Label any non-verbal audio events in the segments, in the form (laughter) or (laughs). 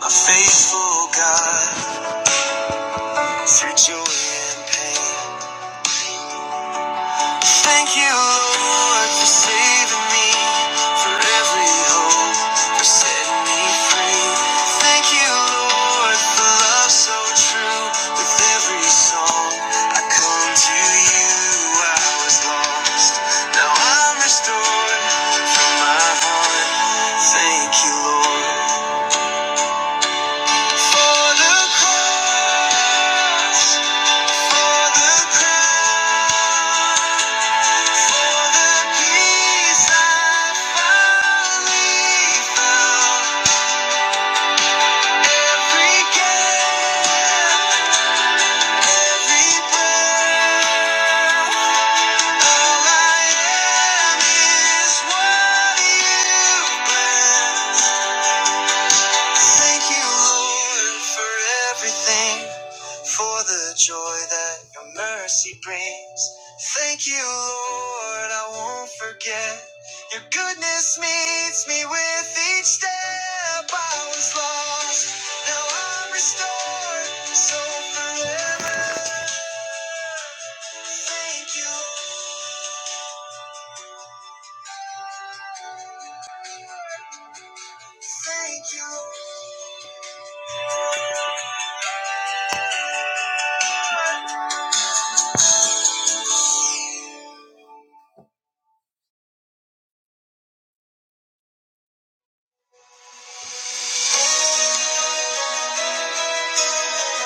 A faithful God through joy and pain. Thank you, Lord, for saving me, for every hope, for setting me free. Thank you, Lord, for love so true. With every song, I come to you. I was lost, now I'm restored from my heart. Thank you, Lord, for the cross. For the crown, for the peace I finally found. Every gap, every breath, all I am is what you bless. Thank you, Lord, for everything, for the joy that your mercy brings. Thank you, Lord, I won't forget. Your goodness meets me with each step. I was lost, now I'm restored. So forever. Thank you, thank you.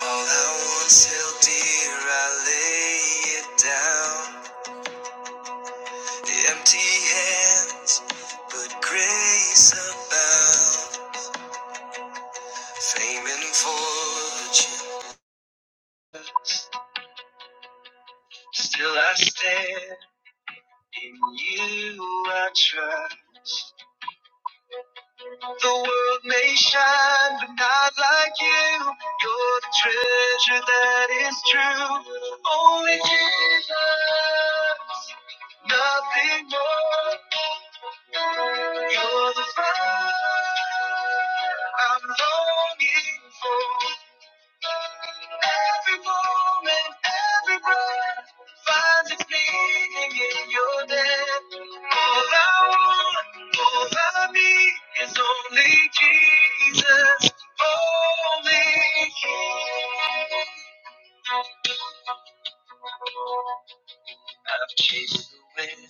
All I once held dear, I lay it down. The empty hands, but grace abound. Fame and fortune, still I stand. In you I trust. The world may shine, but not like you. You're the treasure that is true. Only Jesus, nothing more. You're the fire I'm longing for. Every moment, every breath finds its meaning in your death. All I want, all I need is only Jesus, only Him. I've chased the wind,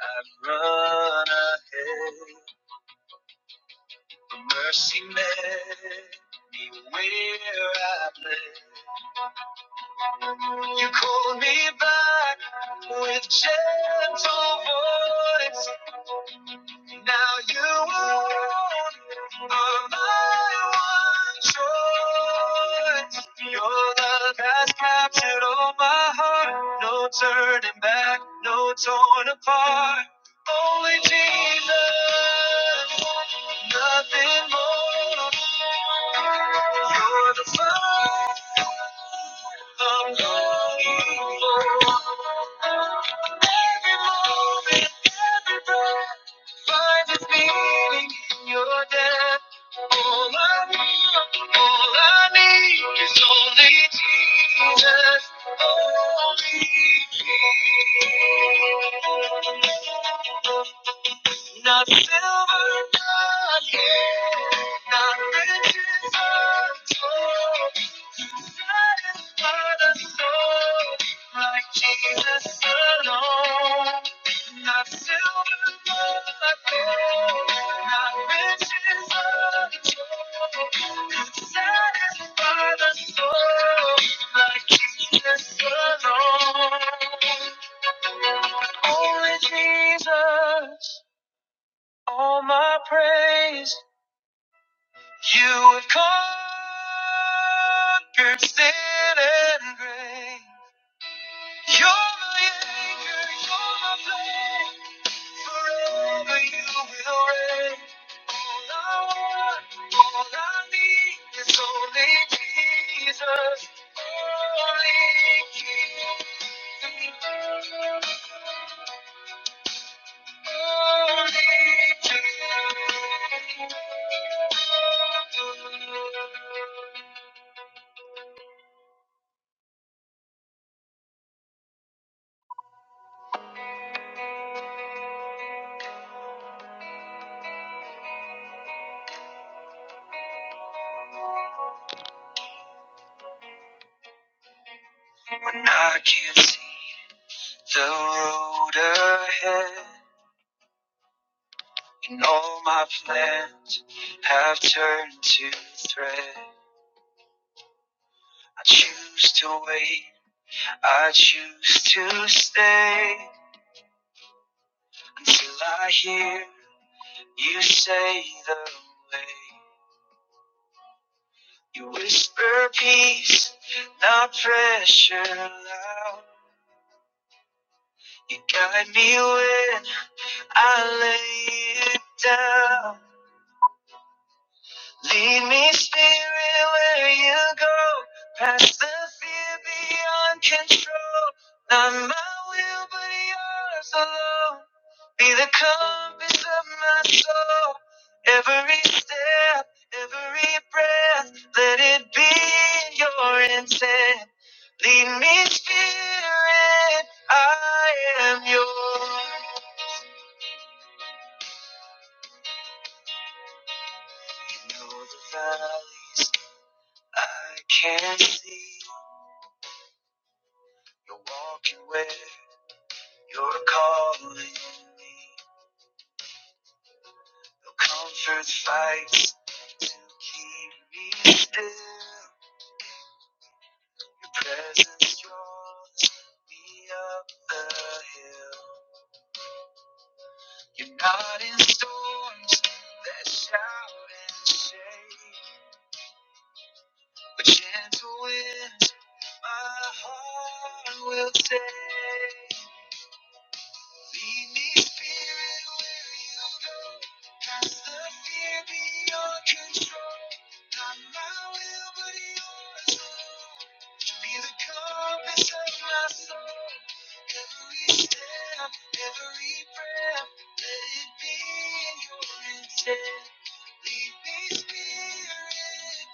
I've run ahead. Mercy met me where I bled. You called me back with gentle voice. Now you are my one choice. Your love has captured all my heart. No turning back, no torn apart. Only Jesus, nothing more. You're the fire. I'm longing for every moment, every breath. Find its meaning in your death. All I want, all I need is only Jesus, only Jesus. Not silver, not gold, not riches untold. Satisfy the soul like Jesus alone. Not silver, not gold, not riches of the could satisfy the soul like Jesus alone. Only Jesus, all my praise. You have conquered sin and grave. You're my anchor, you're my flame. Forever you will reign. All I want, all I need is only Jesus. Only Jesus. Only Jesus. When I can't see the road ahead. And all my plans have turned to thread. I choose to wait, I choose to stay until I hear you say the way. You whisper peace, not pressure loud. You guide me when I lay it down. Lead me, Spirit, where you go. Past the fear beyond control. Not my will, but yours alone. Be the compass of my soul. Every step, every breath, let it be your intent. Lead me, Spirit, I am yours. You know the valleys I can't see. You're walking with, you're calling me. Your comfort fights to keep me still. Your presence draws me up the hill. You're not in storms that shout and shake, but gentle winds my heart will take. Lead me, Spirit, where you go. Cast the fear beyond control. Not my will, but yours, Be the compass of my soul. Every step, every breath, let it be your intent. Lead me, Spirit,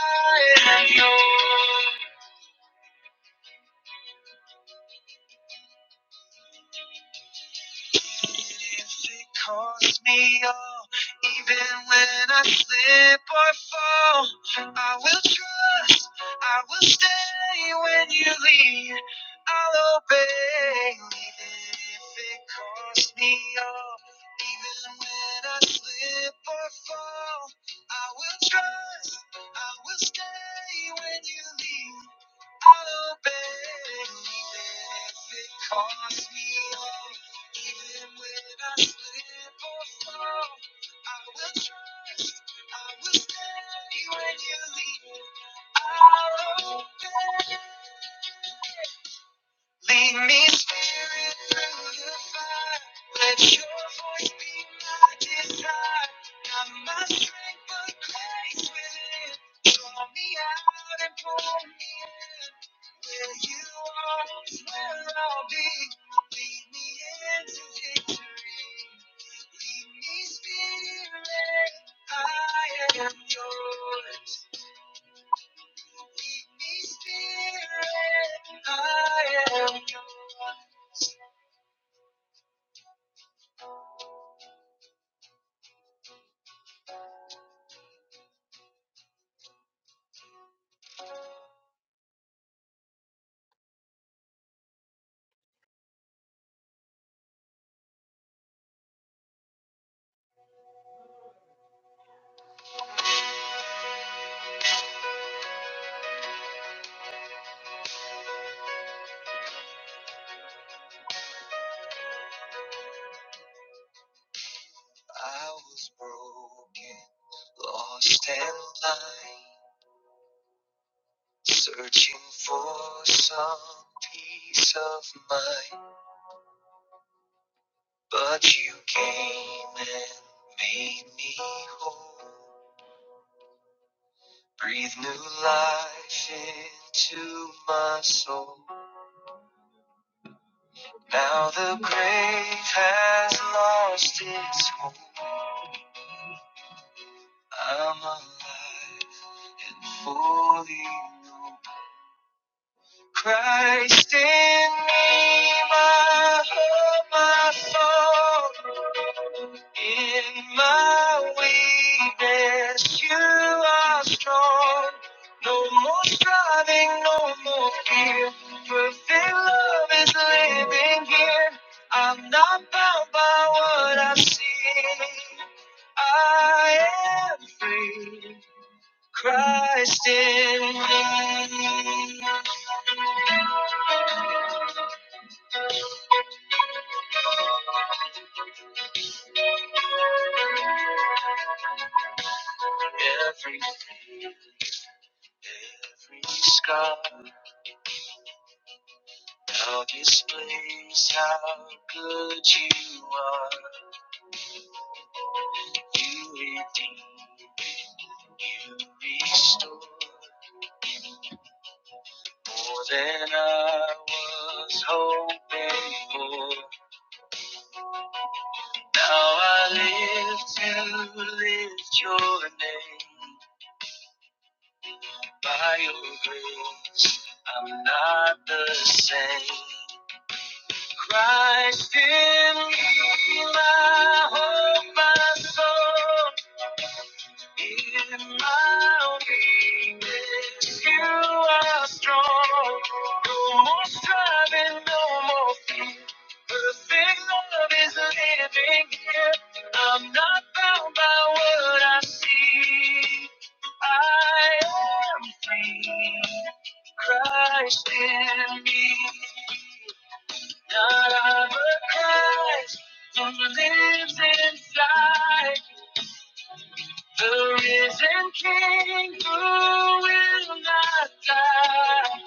I am yours. If it costs me all, even when I slip or fall, I will trust, I will stay when you lead, I'll obey. Even if it costs me all, even when I slip or fall, I will trust, I will stay when you lead. I'll obey, even if it costs me all. Even when I slip or fall, I will trust. I will stand when you lead. I'll obey. Lead me, Spirit, through the fire. Let your voice be my desire. Not my strength, but grace within. Draw me out and pull me in. Where you are is where I'll be. Lead me into victory. Lead me, Spirit, I am yours. Lead me, Spirit, I am yours. I was broken, lost and blind, searching for some peace of mind. But you came and made me whole. Breathe new life into my soul. Now the grave has lost its hold. I'm alive and fully known. Christ in me, my hope, my song. In my weakness, you are strong. No more striving, no more fear. Perfect love is living here. I'm not bound by what I see. I am free. Christ in me. Every, every scar now displays how good you are. You redeem, you restore more than I was hoping for. Now I live to lift your name by your grace. I'm not the same. Christ in me, my hope, my soul. In my weakness, you are strong. No more striving, no more fear. Perfect love is living here. I'm not bound by what I see. I am free. Christ in me. God of a Christ, who lives inside the risen King who will not die.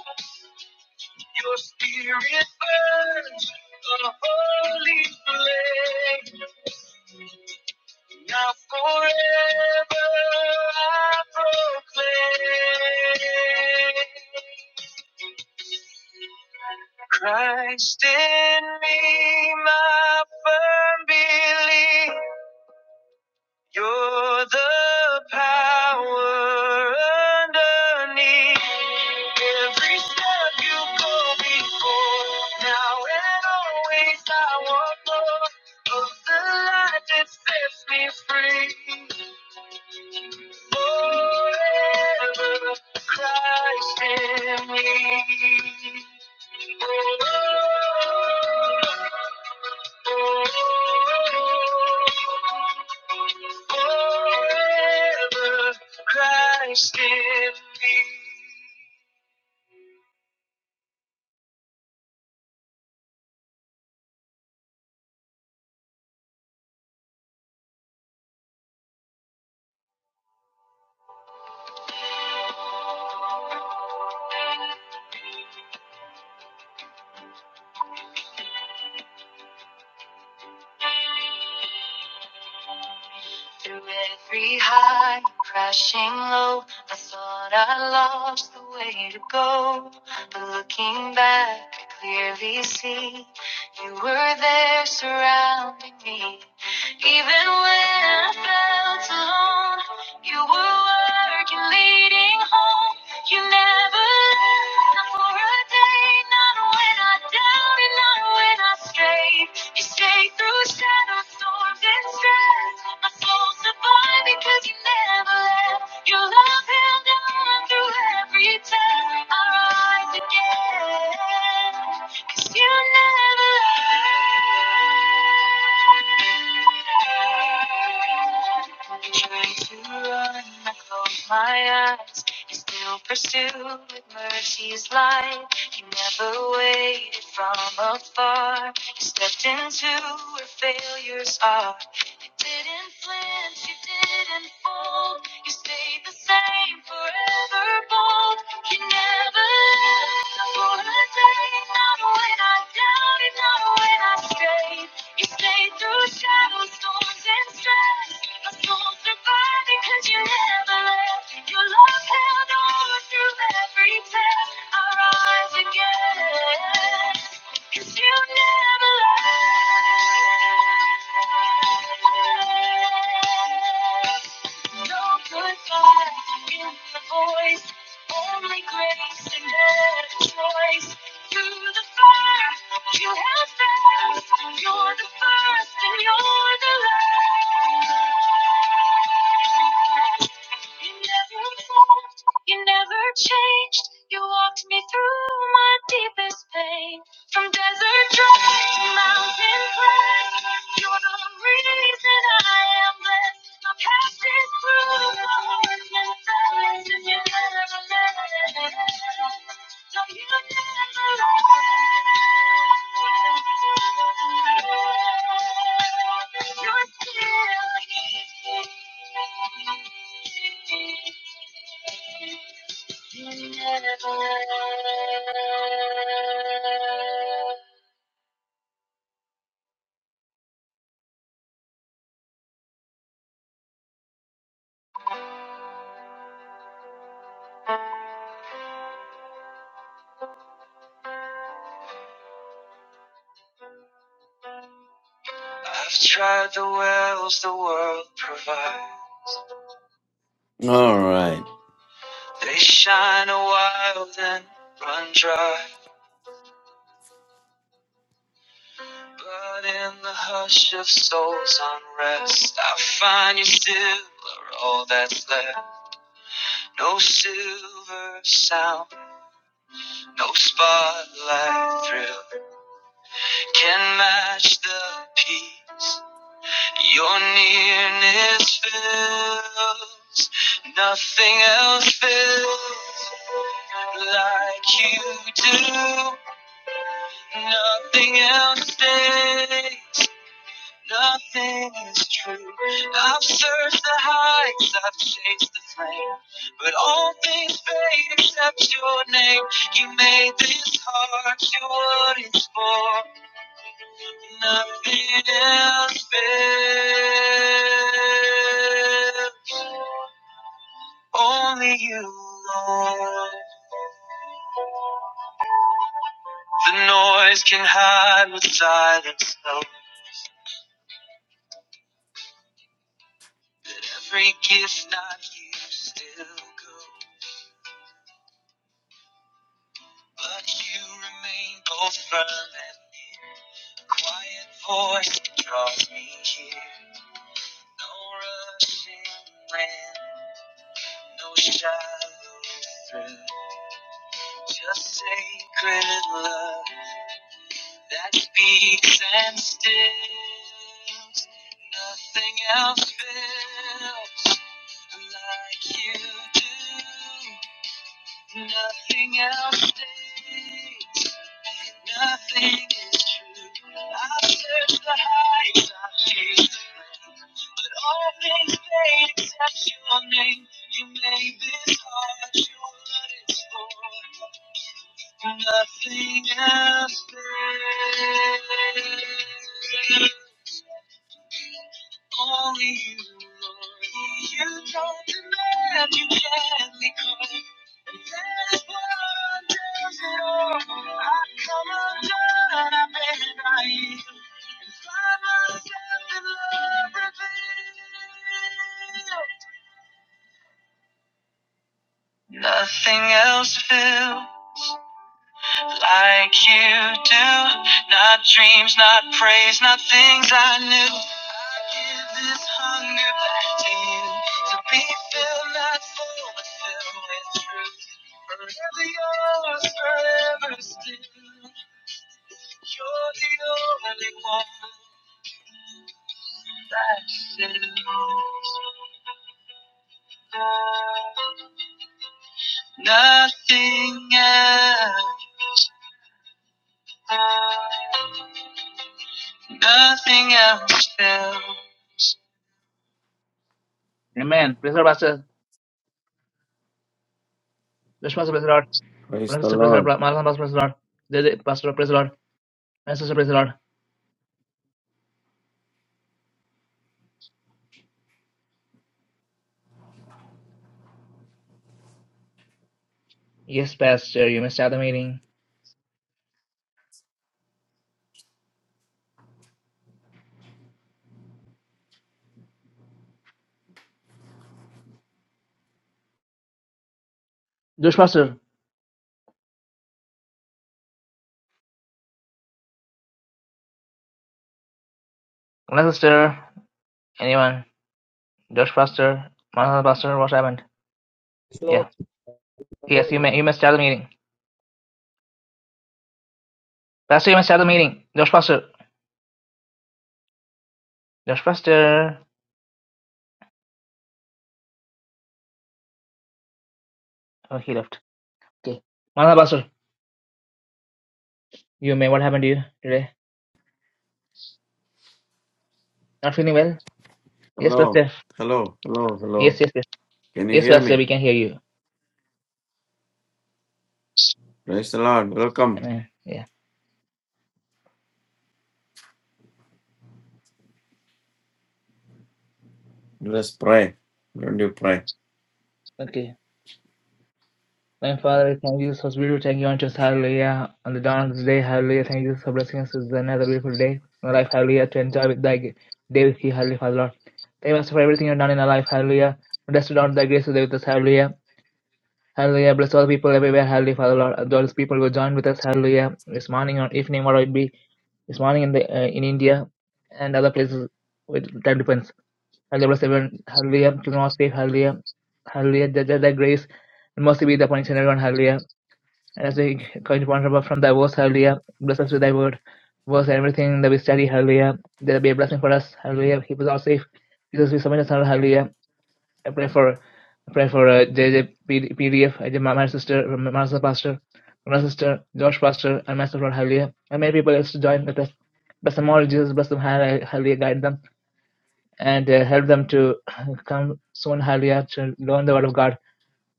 Your spirit burns a holy flame. Now forever I proclaim. Christ in me, my firm belief. You're the power underneath every step you go before. Now and always I want more of the light that sets me free. Forever Christ in me. Forever Christ in me. Through every high, crashing low, I thought I lost the way to go. But looking back, I clearly see you were there surrounding me. Even when I felt alone, you were working, leading home. You never left, not for a day, not when I doubted, not when I strayed. You stay through shadows, storms, and stress. My soul survived because you never left. Your love held on through every test. I rise again. Cause you never left. I try to run, I close my eyes and still pursued with mercy's light. He never waited from afar. He stepped into where failures are didn't flinch, you didn't fold. You stayed the same, forever bold. You never left for a day. Not when I doubted, not when I strayed. You stayed through shadows, storms, and stress. My soul survived because you never left. Your love held on through every test. I rise again. Cause you never lie. No goodbye in the voice. Only grace and better choice. You're the first, you have first. You're the first and you're the last. You never evolved, you never changed. You walked me through my deepest pain. From desert dry to mountain crest, you're the reason I am blessed. My past is proof, my heart's been silenced, and you never left. I've tried the wells the world provides. All right. They shine a while, then run dry. But in the hush of soul's unrest, I find you still are all that's left. No silver sound, no spotlight thrill can match the peace your nearness fills. Nothing else fills like you do. Nothing else stays. Nothing is true. I've searched the heights, I've chased the flame. But all things fade except your name. You made this heart your what it's for. Nothing else fails. Only you, Lord. The noise can hide with silence knows. Every gift not you still goes. But you remain both firm and near. Quiet voice draws me here. No rush in, no shallow through. Just sacred love that speaks and stills. Nothing else feels like you do. Nothing else. stays Nothing is true. I've searched the heights, I've chased the plains, but all things fade except your name. You made this heart your what it's for. Nothing else matters. Only you, Lord. You don't demand, you can't be caught. That's what does it all. I come undone, I've been right. Nothing else feel like you do. Not dreams, not praise, not things I knew. I give this hunger back to you. To be filled, not full, but filled with truth. Forever yours, forever still. You're the only one that fills. Nothing else, nothing else will. Amen. Praise the Lord, Pastor. Let's praise the Lord. Praise Brother, the sister, praise the Lord. Lord. Marathon, Pastor, praise the Lord. They- Pastor, praise the Lord. My sister, praise the Lord. Yes, Pastor, you may start the meeting. Josh, Pastor. My sister, anyone? Josh, Pastor. Marathon, Pastor, what happened? Hello. Yeah. Yes, you Hello. may, you may start the meeting. Pastor, you may start the meeting. Josh, Pastor. Josh, Pastor. Oh, he left. Okay. Marathon, Pastor, you may, what happened to you today? Not feeling well? Yes, Hello. Pastor. Hello. Hello. Yes, Hello. yes, yes. Can you Yes, hear Pastor, me? we can hear you. Praise the Lord. Welcome. Amen. Yeah. Let's pray. Don't you pray? Okay. My Father, I thank you so beautiful. Thank you on just hallelujah. On the dawn of this day, hallelujah. Thank you for blessing us with another beautiful day. My life, hallelujah, to enjoy with thy day with you, hallelujah, Father Lord. Thank you, Master, for everything you've done in our life, hallelujah. Blessed Lord, thy grace today with us, hallelujah. Hallelujah. Bless all the people everywhere, hallelujah, Father Lord. And All those people who join with us, hallelujah, this morning or evening, whatever it be, this morning in the uh, in India and other places with time depends. Hallelujah, bless everyone. Hallelujah. To the Lord's sake, hallelujah. Hallelujah. That, that, that grace and mercy be upon each and everyone. Hallelujah. And as we come to one from thy words, hallelujah. Bless us with thy word, verse and everything that we study, Hallelujah! There will be a blessing for us, hallelujah. Keep us all safe. Jesus, we submit us, hallelujah. I pray for, I pray for uh, JJ my, my sister, my my sister pastor, my sister, Josh pastor, and myself, Lord, hallelujah. And many people else to join with us. Bless them all, Jesus. Bless them, hallelujah. Guide them and uh, help them to (laughs) come soon, hallelujah, to learn the word of God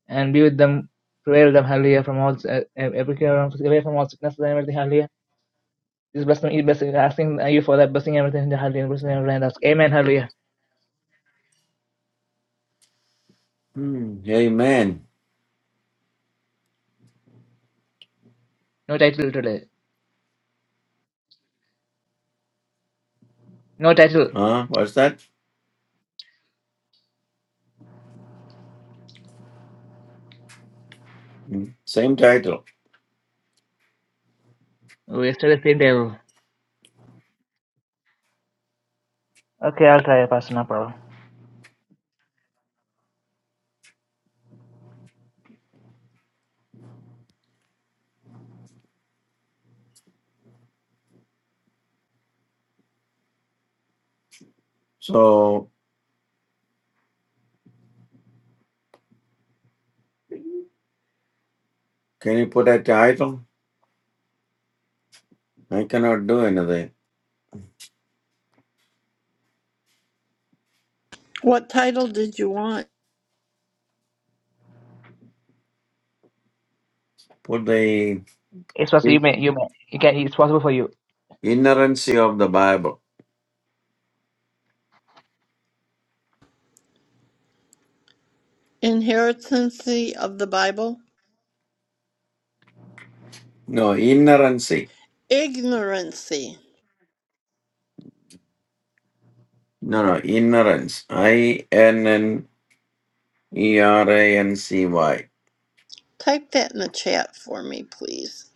and be with them, prevail them, hallelujah, from all uh, every care, away from all sickness and everything, hallelujah. Just bless me, bless me, asking you for that, blessing everything, hallelujah, blessing everything, and ask, Amen, hallelujah. Hmm. Amen. No title today, no title. Huh? What's that? Hmm. Same title. We still the same devil. Okay, I'll try, Pastor, no problem. So, can you put a title? I cannot do anything. What title did you want? Put the It's possible, you in- may, you may, you can, it's possible for you. inerrancy of the Bible. Inheritancy of the Bible? No, inerrancy. Ignorancy. No, no, ignorance. I n n e r a n c y. I Type that in the chat for me, please.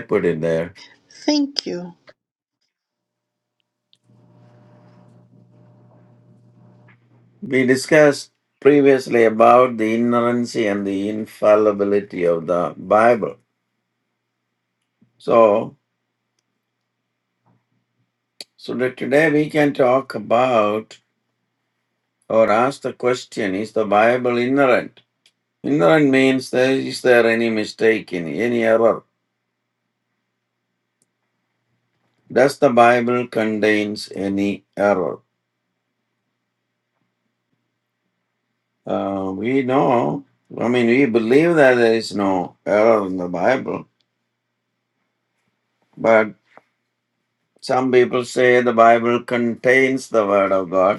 put it there? Thank you. We discussed previously about the inerrancy and the infallibility of the Bible. So, so that today we can talk about or ask the question is the Bible inerrant? Inerrant means there is there any mistake in any error? Does the Bible contains any error? Uh, we know, I mean, we believe that there is no error in the Bible, but some people say the Bible contains the Word of God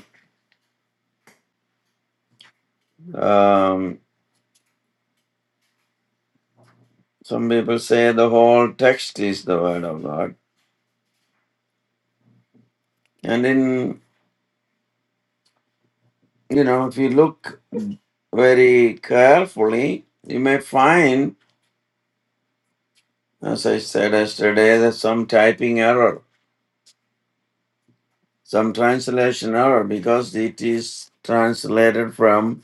Um, some people say the whole text is the word of God. And in, you know, if you look very carefully, you may find, as I said yesterday, that some typing error, some translation error, because it is translated from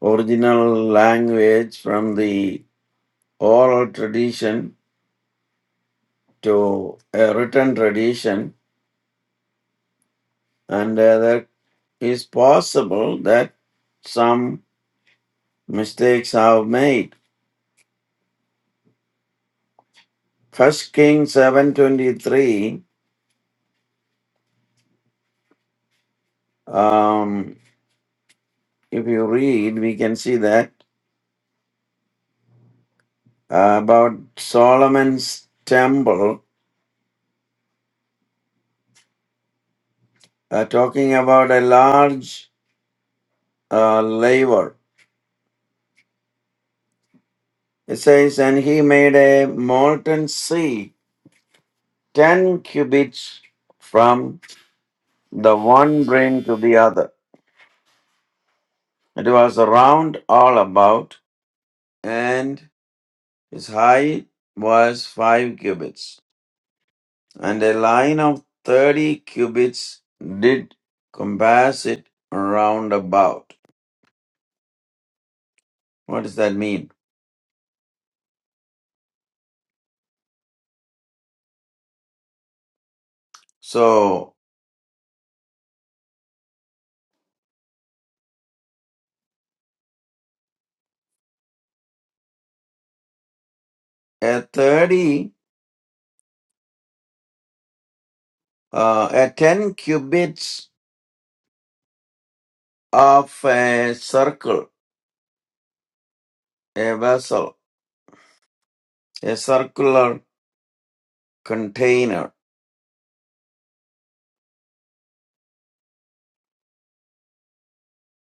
original language, from the oral tradition to a written tradition. And uh, that is possible that some mistakes I've made. First Kings seven twenty three. Um, if you read, we can see that uh, about Solomon's temple, uh, talking about a large uh, laver. It says, and he made a molten sea ten cubits from the one brim to the other. It was round all about, and its height was five cubits. and a line of thirty cubits did compass it round about. What does that mean? So a thirty, uh, a ten cubits of a circle, a vessel, a circular container,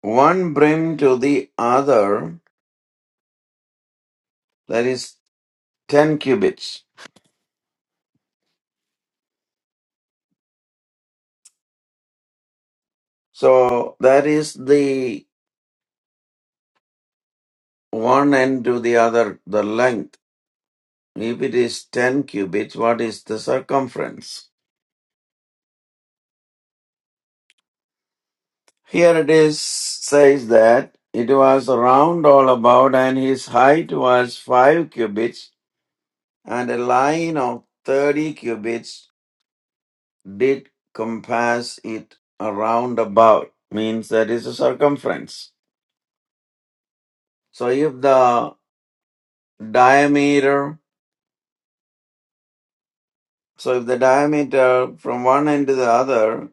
one brim to the other, that is ten cubits. So that is the one end to the other, the length If it is 10 cubits, what is the circumference? Here it is says that it was round all about and his height was 5 cubits and a line of 30 cubits did compass it around about means that is a circumference. So if the diameter so if the diameter from one end to the other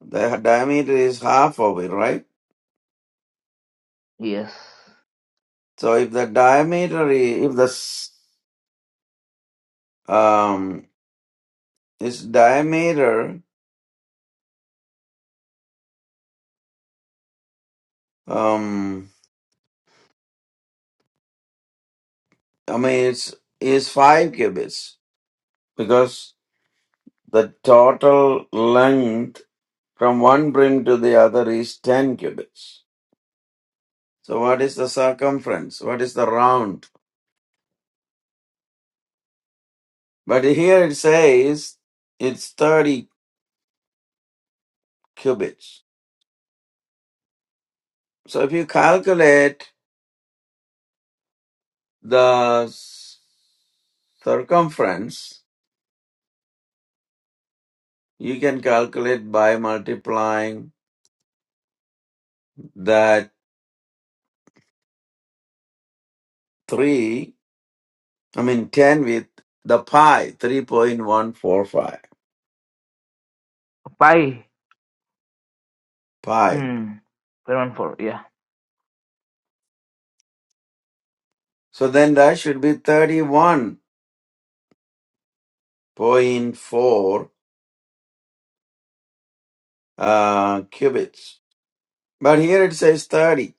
the diameter is half of it right Yes. So if the diameter, i- if the s- um, its diameter, um, I mean, it's is five cubits because the total length from one brim to the other is ten cubits. So what is the circumference? What is the round? But here it says it's thirty cubits. So if you calculate the s- circumference You can calculate by multiplying that 3, I mean 10 with the pi, 3.145 Bye. pi. Hmm. one, for yeah. So then that should be 31.4 uh, cubits. But here it says 30.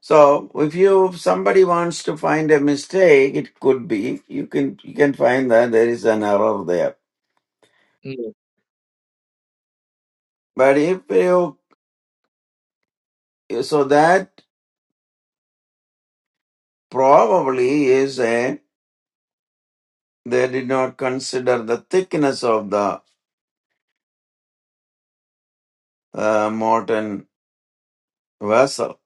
So if you somebody wants to find a mistake, it could be you can you can find that there is an error there. Yeah. But if you so that probably is a They did not consider the thickness of the uh, molten vessel.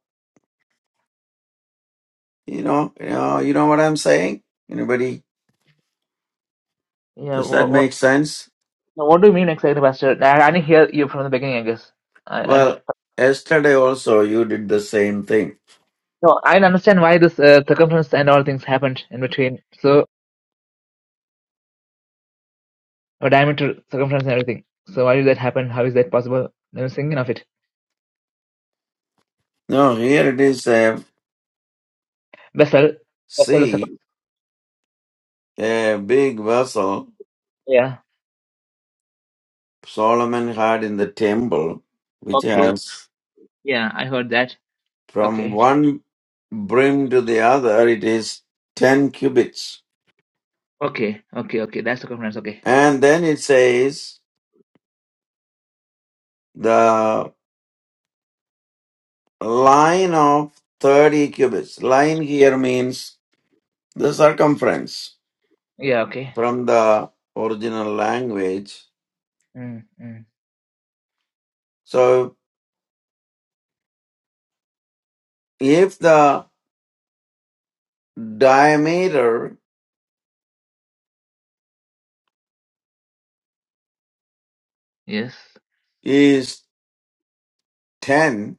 You know, you know, you know what I'm saying? Anybody? Yeah. Does that what, make sense? Now, what do you mean exactly, Pastor? I, I didn't hear you from the beginning, I guess. I, I'm Well, yesterday also you did the same thing. no, I didn't understand why this uh, circumference and all things happened in between. So, or diameter, circumference, and everything. So, why did that happen? How is that possible? I was thinking of it. No, here it is a Vessel, vessel, is sea, circum- a big vessel yeah. Solomon had in the temple, which Okay, okay. has yeah, I heard that. from Okay, one brim to the other, it is 10 cubits. okay, okay, okay. That's circumference. Okay, And then it says, the. line of 30 cubits. Line here means the circumference yeah, okay. from the original language. Mm, mm. So if the diameter Yes, is 10,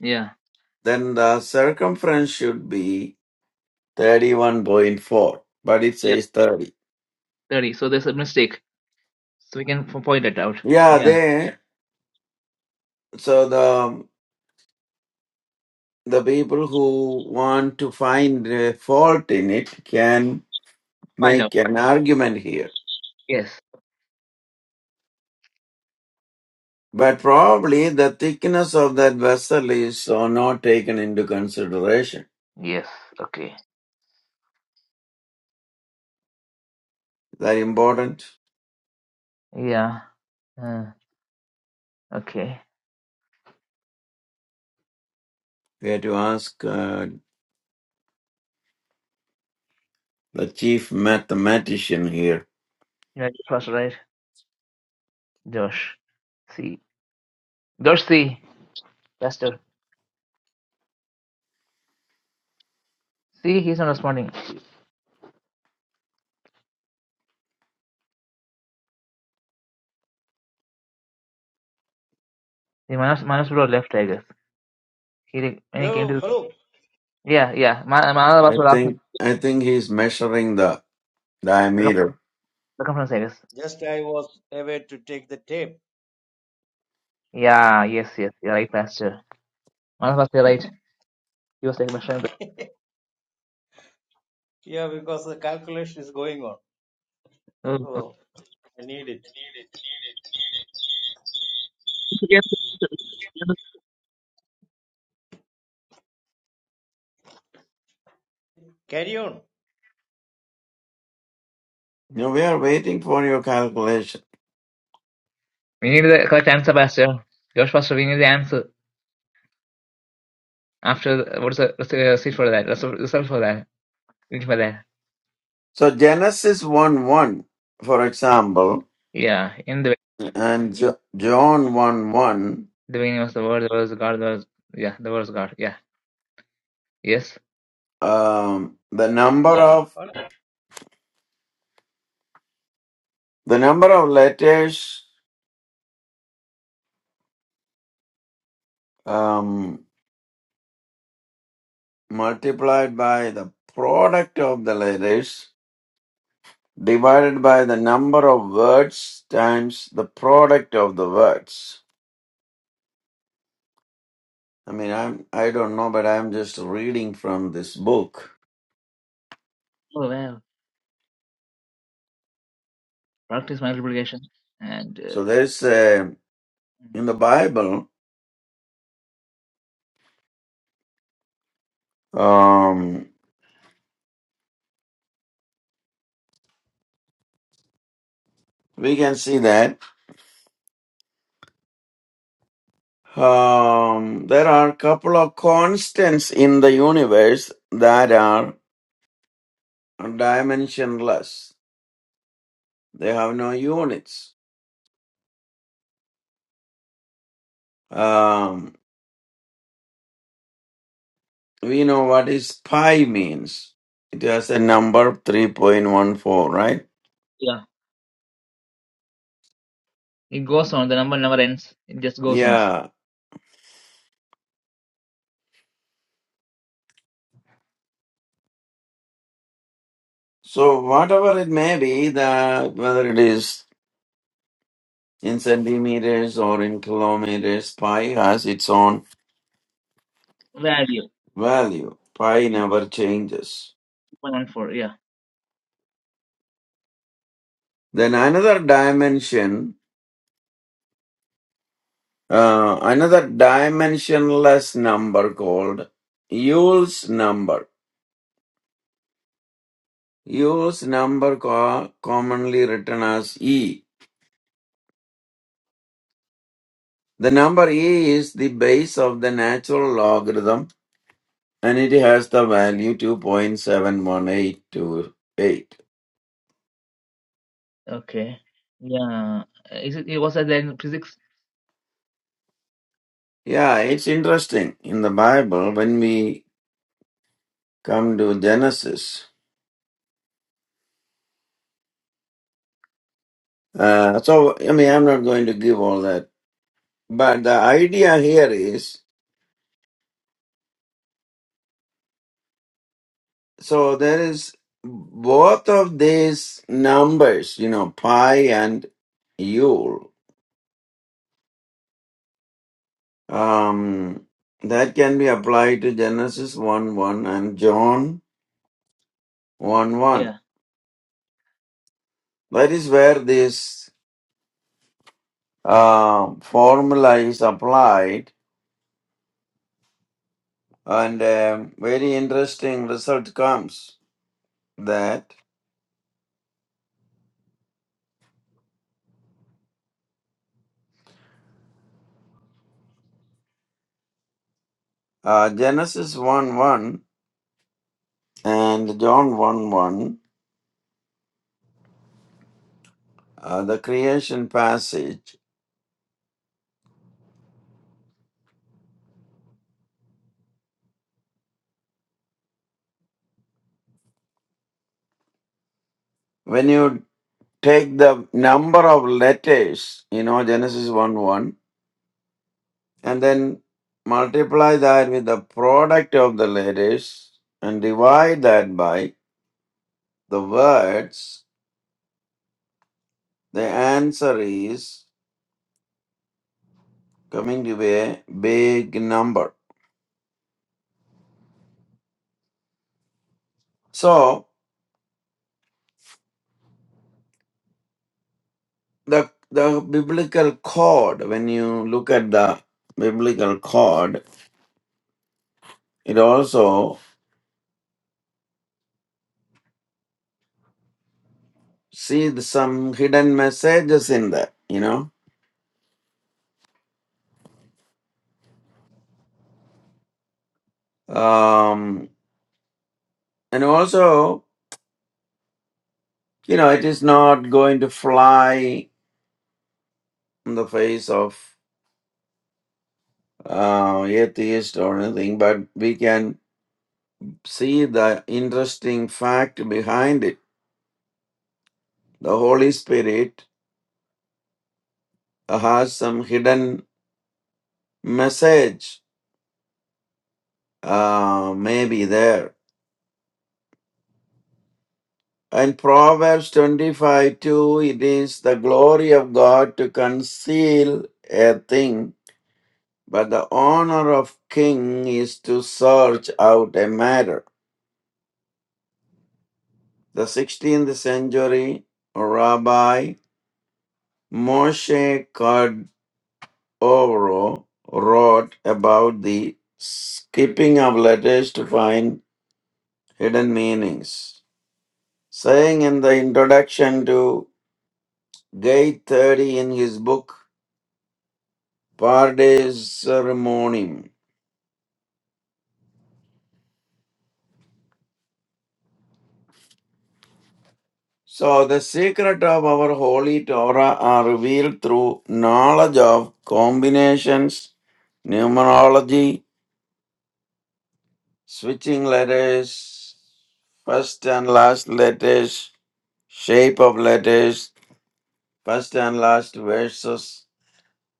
yeah, then the circumference should be 31.4, but it yeah. says 30. Thirty. So there's a mistake. So we can f- point it out. Yeah, Yeah, they, so the, the people who want to find a fault in it can find out. make an argument here Yes, But probably the thickness of that vessel is uh, not taken into consideration. yes. Okay. Is that important? Yeah. Uh, okay. We have to ask uh, the chief mathematician here. You know, it was right. Josh. See. Josh C. Pastor. See, he's not responding. The Manas, Manas bro left, I guess. He, re- when he came Yo, to. hello. Yeah, yeah. Ma- Manas I Pastor asked me think I think he's measuring the circum- diameter. circumference, I guess. Just I was away to take the tape. Yeah, yes, yes. You're right, Pastor. Manas Pastor, you're right. He was like measuring the. Yeah, we're going on. Oh, oh. oh, So I need it. Carry on. Now we are waiting for your calculation. We need the correct answer, Pastor. Josh Pastor, we need the answer. After, the, what is the receipt for that? Result result for that. Read for that. So Genesis one one, for example, Yeah, in the. and way. Jo- John one one, the beginning was the word, There was God, There was, yeah, There was God. Yeah. Yes. um, the number of the number of letters. Um, multiplied by the product of the letters divided by the number of words times the product of the words i mean i'm i don't know but i'm just reading from this book Oh, wow. Practice multiplication. And so uh, there's a in the bible um we can see that um there are a couple of constants in the universe that are dimensionless they have no units Um, we know what is pi means. It has a number 3.14, right? yeah, it goes on. The number never ends. It just goes on. Yeah. So whatever it may be, the whether it is in centimeters or in kilometers, pi has its own Value. value. Pi never changes. 114. Yeah. Then another dimension, uh, another dimensionless number called Eule's number. Eule's number co- commonly written as E. The number e is the base of the natural logarithm and it has the value 2.71828. Okay. Yeah. Uh, Is it, it was at the end of physics? Yeah, it's interesting. In the Bible, when we come to Genesis, uh, so I mean, I'm not going to give all that, but the idea here is so there is both of these numbers, you know, pi and Yule, um, that can be applied to Genesis 1 1 and John 1 1. Yeah. That is where this um, formula is applied, and um, very interesting result comes that uh, Genesis 1 1 and John 1 1, uh, the creation passage, when you take the number of letters, you know, Genesis 1 1, and then multiply that with the product of the letters and divide that by the words The answer is coming to a big number. So the the biblical code, when you look at the biblical code, it also sees some hidden messages in there, you know. Um, and also, you know, it is not going to fly in the face of uh, atheist or anything, but we can see the interesting fact behind it. The Holy Spirit uh, has some hidden message uh, may be there. In Proverbs 25 2, it is the glory of God to conceal a thing, but the honor of king is to search out a matter. The 16th century Rabbi Moshe Cardoro wrote about the skipping of letters to find hidden meanings. saying in the introduction to Gate 30 in his book Pardes Ceremonium. So, the secret of our holy Torah are revealed through knowledge of combinations, numerology, switching letters, first and last letters, shape of letters, first and last verses.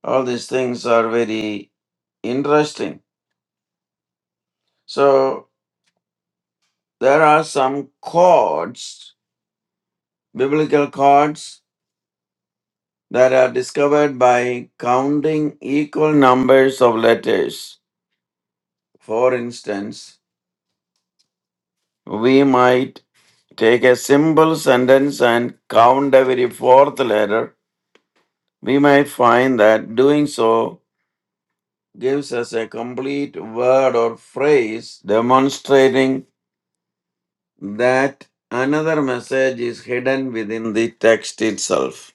All these things are very interesting. So, there are some codes. biblical chords that are discovered by counting equal numbers of letters. For instance, we might take a simple sentence and count every fourth letter. We might find that doing so gives us a complete word or phrase demonstrating that another message is hidden within the text itself.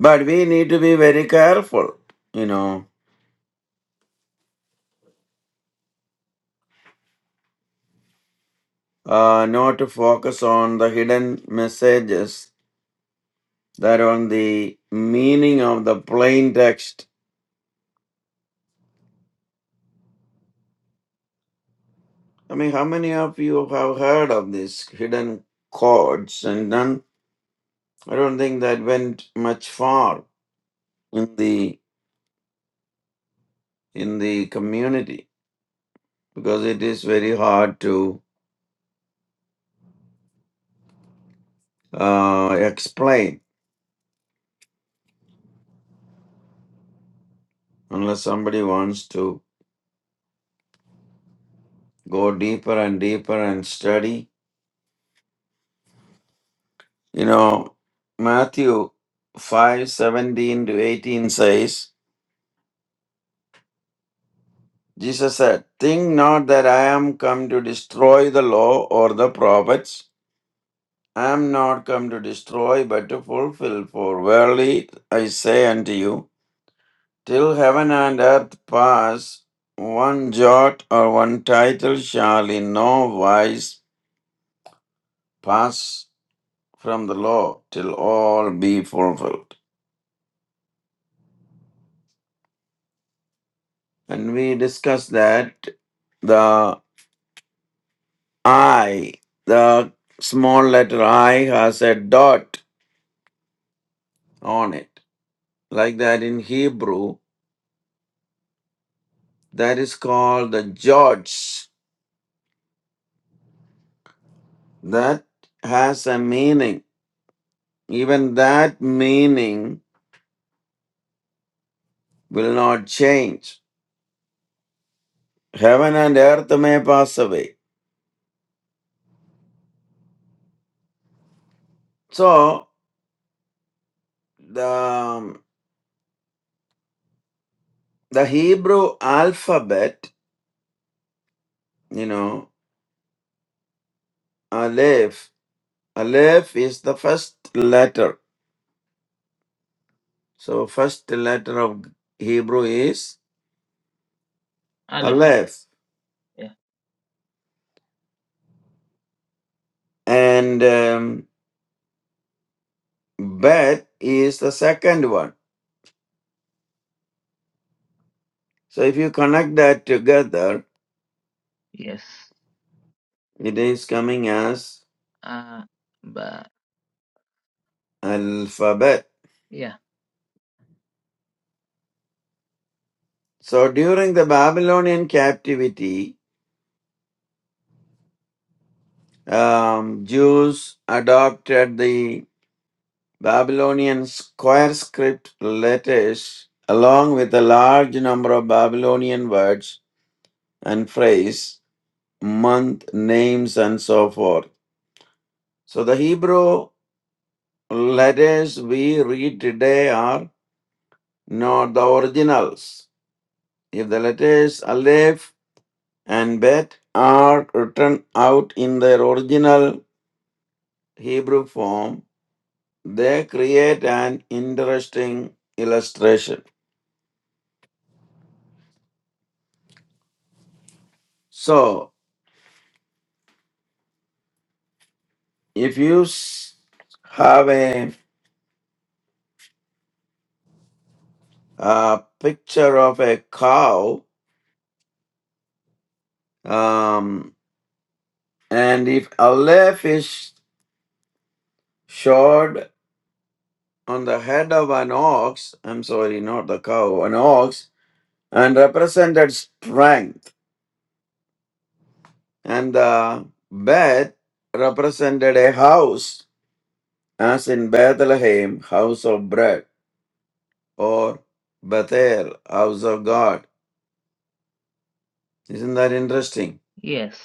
But we need to be very careful, you know uh, not to focus on the hidden messages that on the meaning of the plain text. I mean, how many of you have heard of these hidden codes? And none, I don't think that went much far in the in the community because it is very hard to uh, explain unless somebody wants to go deeper and deeper and study You know, Matthew five seventeen to 18 says, Jesus said, Think not that I am come to destroy the law or the prophets. I am not come to destroy, but to fulfill. For verily I say unto you, till heaven and earth pass, one jot or one title shall in no wise pass from the law till all be fulfilled. And we discussed that I, the small letter I has a dot on it. Like that in Hebrew, that is called the George. That has a meaning. Even that meaning will not change. Heaven and earth may pass away. So, the, um, the Hebrew alphabet, you know, Aleph, Aleph is the first letter. So, first letter of Hebrew is Aleph. Aleph. Yeah. And um, Bet is the second one. So if you connect that together, Yes. it is coming as Uh, but alphabet. yeah. So during the Babylonian captivity, um, Jews adopted the Babylonian square script letters along with a large number of Babylonian words and phrase, month, names, and so forth. So the Hebrew letters we read today are not the originals. If the letters Aleph and Bet are written out in their original Hebrew form, they create an interesting illustration. So, if you s- have a, uh picture of a cow, um, and if Aleph is showed on the head of an ox, I'm sorry, not the cow, an ox, and represented strength, and the bed represented a house, as in Bethlehem, house of bread, or Bethel, house of God. Isn't that interesting? Yes.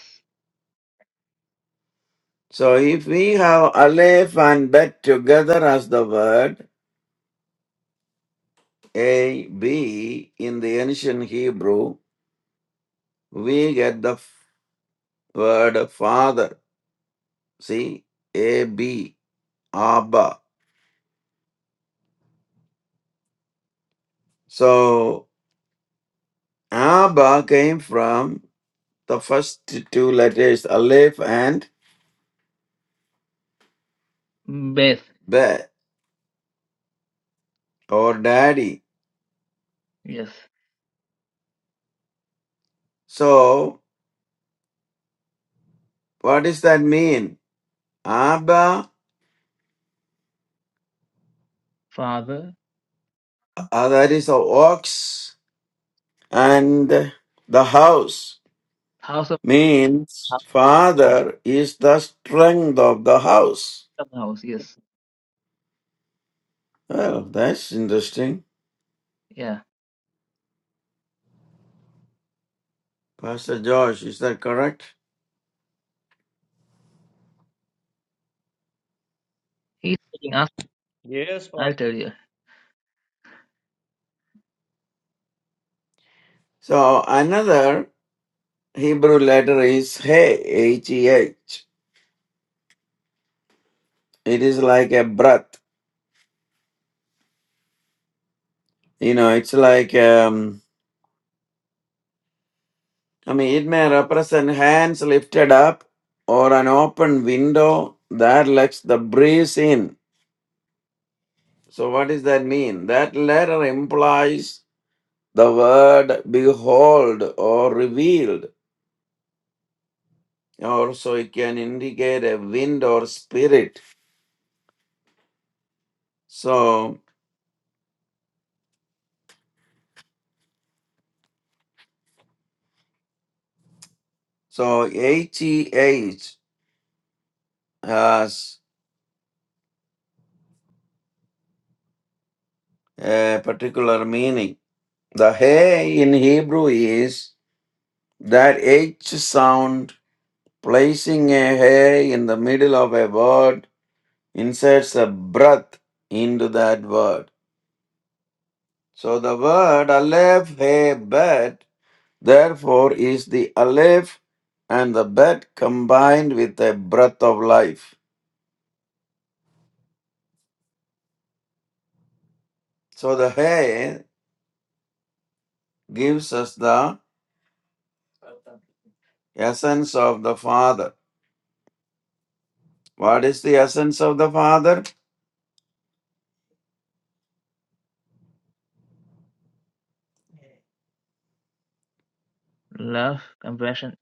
So if we have Aleph and Bet together as the word A, B in the ancient Hebrew, we get the f- word Father. See, A, B. Abba. So Abba came from the first two letters Aleph and Beth. Be or Daddy. Yes. So what does that mean? Abba, Father. uh, that is a ox, and the house House of, means house father is the strength of the house. of house. Yes. Well, that's interesting. Yeah. Pastor Josh, is that correct? He's taking us. Yes, I'll Pastor. tell you. So another Hebrew letter is He, H-E-H. It is like a breath. You know, it's like, um, I mean, it may represent hands lifted up or an open window that lets the breeze in. So, what does that mean? That letter implies the word behold or revealed, or so it can indicate a wind or spirit. So, so H-E-H has a particular meaning. The hey in Hebrew is That H sound, placing a hey in the middle of a word, inserts a breath into that word. So the word aleph, hey, bet, therefore is the aleph and the bet combined with a breath of life. So the hey gives us the essence of the Father. What is the essence of the Father? Love, compassion,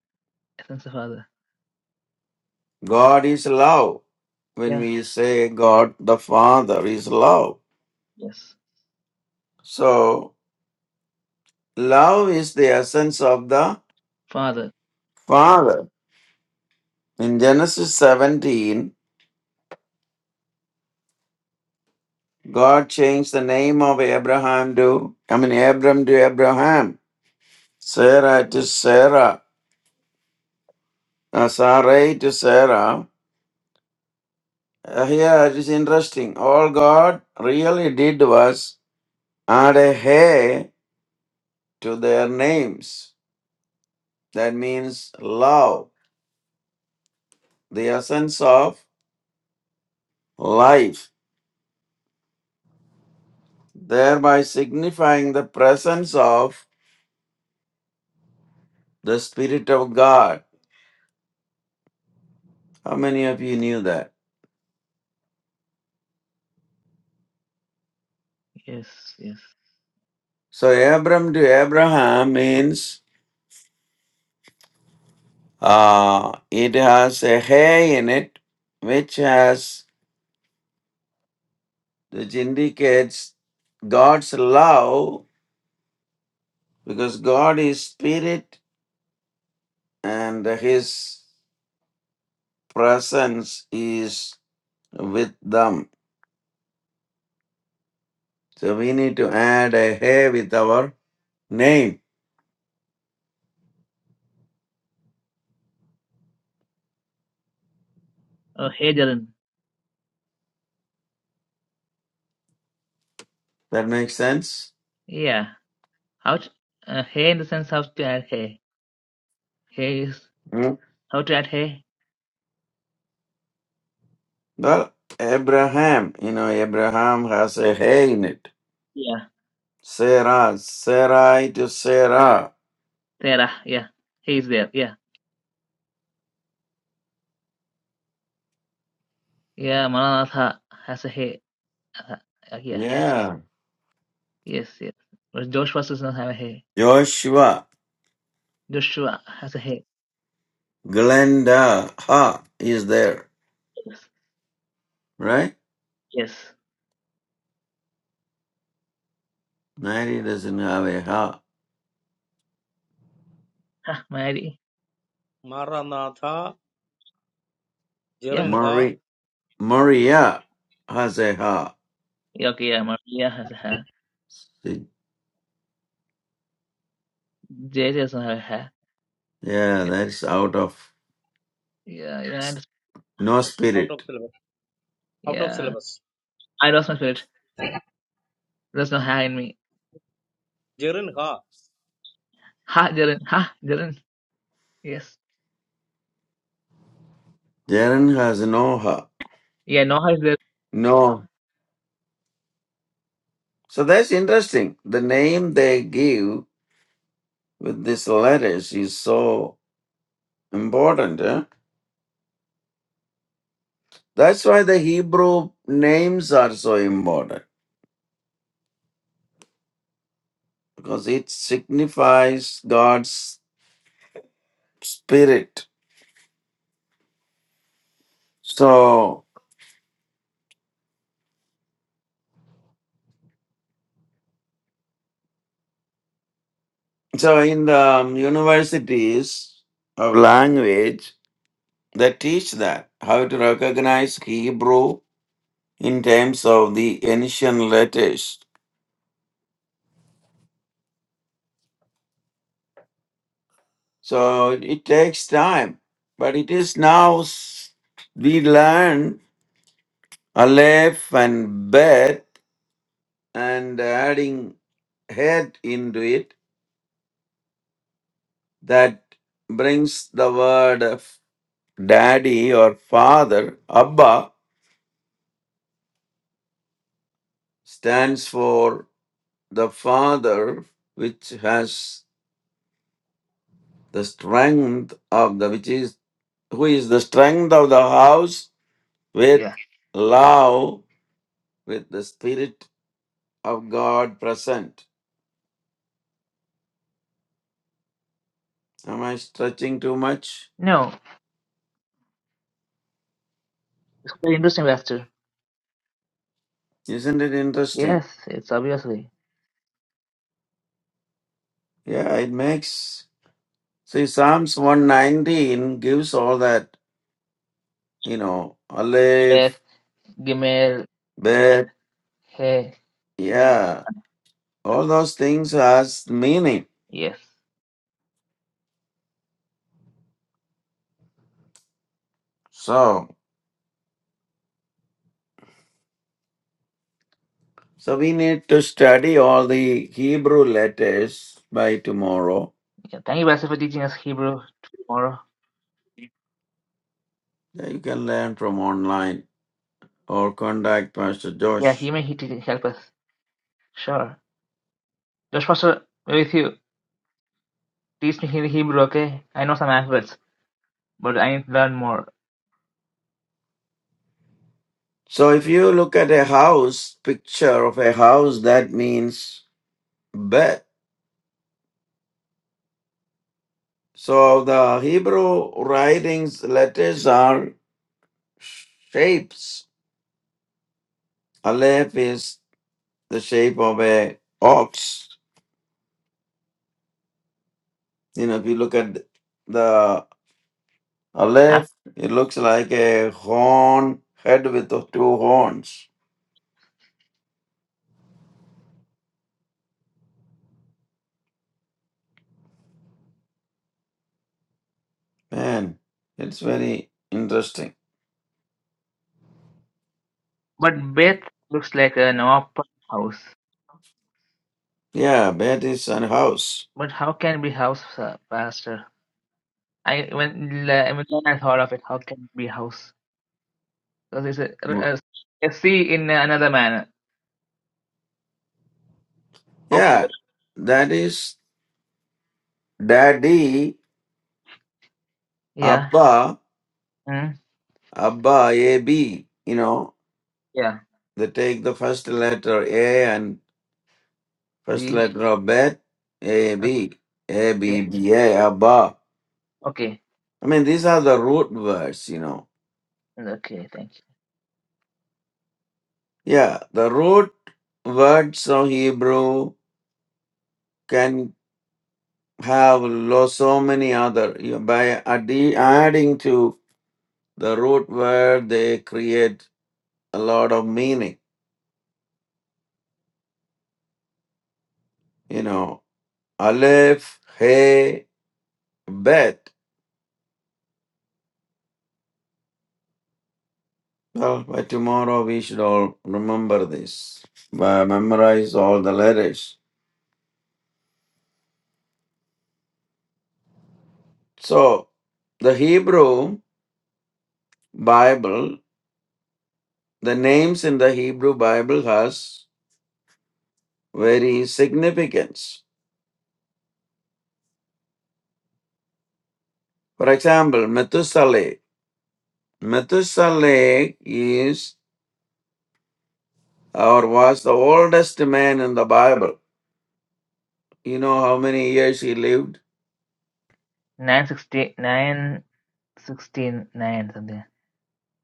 Essence of Father. God is love. When Yeah. we say God the Father is love. Yes. So, love is the essence of the Father. Father. In Genesis 17, God changed the name of Abraham to, I mean, Abram to Abraham, Sarah to Sarah, uh, Sarai to Sarah. Uh, here it is interesting. All God really did was add a hey to their names. That means love, the essence of life, thereby signifying the presence of the Spirit of God. How many of you knew that? Yes. Yes. So, Abram to Abraham means uh, it has a hay in it, which has, which indicates God's love, because God is Spirit and His presence is with them. So, we need to add a hay with our name. Oh, hey, Jaren. That makes sense? Yeah. How? To, uh, hey, in the sense how to add hey. Hey is Hmm? how to add hey. Well, Abraham, you know, Abraham has a hay in it. Yeah. Sarah, Sarai to Sarah. There. ah, Yeah. He is there. Yeah. Yeah. Mananatha has a hey. Uh, uh, yeah. It's, Yeah. yes. Yes. But Joshua does not have a hey. Joshua, Joshua has a hey. Glenda, Ha is there, Yes. right? Yes. Mary doesn't have Maranatha. a Ha. Ha. Mary. Maranatha. Yeah. Jirinha. Marie, Maria has a Ha. Yeah. Okay. Yeah. Maria has a ha. See? JJ doesn't have a ha. Yeah, Yeah. that's out of Yeah. Even I. no Out of spirit. syllabus. Out of Yeah. syllabus. I lost my spirit. There's no ha in me. Jirinha. Ha, Jaren. Ha, Jaren. Yes. Jaren has no Ha. Yeah, no ha is there. No. So that's interesting. The name they give with these letters is so important. eh? That's why the Hebrew names are so important. because it signifies God's spirit. So, so in the um, universities of language, they teach that how to recognize Hebrew in terms of the ancient letters. So it takes time, but it is now s- we learn Aleph and Bet and adding head into it that brings the word daddy or father. Abba stands for the father which has the strength of the which is who is the strength of the house with Yeah. love with the spirit of God present. Am I stretching too much? No. It's very interesting after. Isn't it Yes, interesting? it's obviously. Yeah, it makes see Psalms 119 gives all that, you know, Aleph, Beth, Gimel, Bet, Hey. yeah, all those things has meaning. Yes. So, so we need to study all the Hebrew letters by tomorrow. Yeah. Thank you, Pastor, for teaching us Hebrew tomorrow. Yeah, You can learn from online or contact Pastor Yeah, he Josh. may he teach, help us. Sure. Josh Pastor, we're with you. Teach me He- Hebrew, okay? I know some alphabets, but I need to learn more. So, if you look at a house picture of a house, that means bed. So, the Hebrew writings letters are shapes. Aleph is the shape of a ox. You know, if you look at the Ah, Aleph, it looks like a horn, head with two horns. Man, it's very interesting. But Beth looks like an open house. Yeah, that is an house. But how can it be house, uh, Pastor? I when la- when I thought of it, how can it be house? Because it's a, Wha- a, a sea in another manner. Of Yeah, the- that is daddy, Yeah. Abba, Mm. Abba, A-B. You know, Yeah. they take the first letter A and first B. letter of bet, A-B, Okay. A-B-B-A, Abba. Okay. I mean, these are the root words, you know. Okay. Thank you. Yeah, the root words of Hebrew can have lo- so many other you- by addi- adding to the root word they create a lot of meaning you know aleph hey bet well by tomorrow we should all remember this by memorize all the letters so the hebrew bible the names in the hebrew bible has very significance for example methuselah Methuselah is or was the oldest man in the Bible. You know how many years he lived? Nine sixty nine sixteen nine something.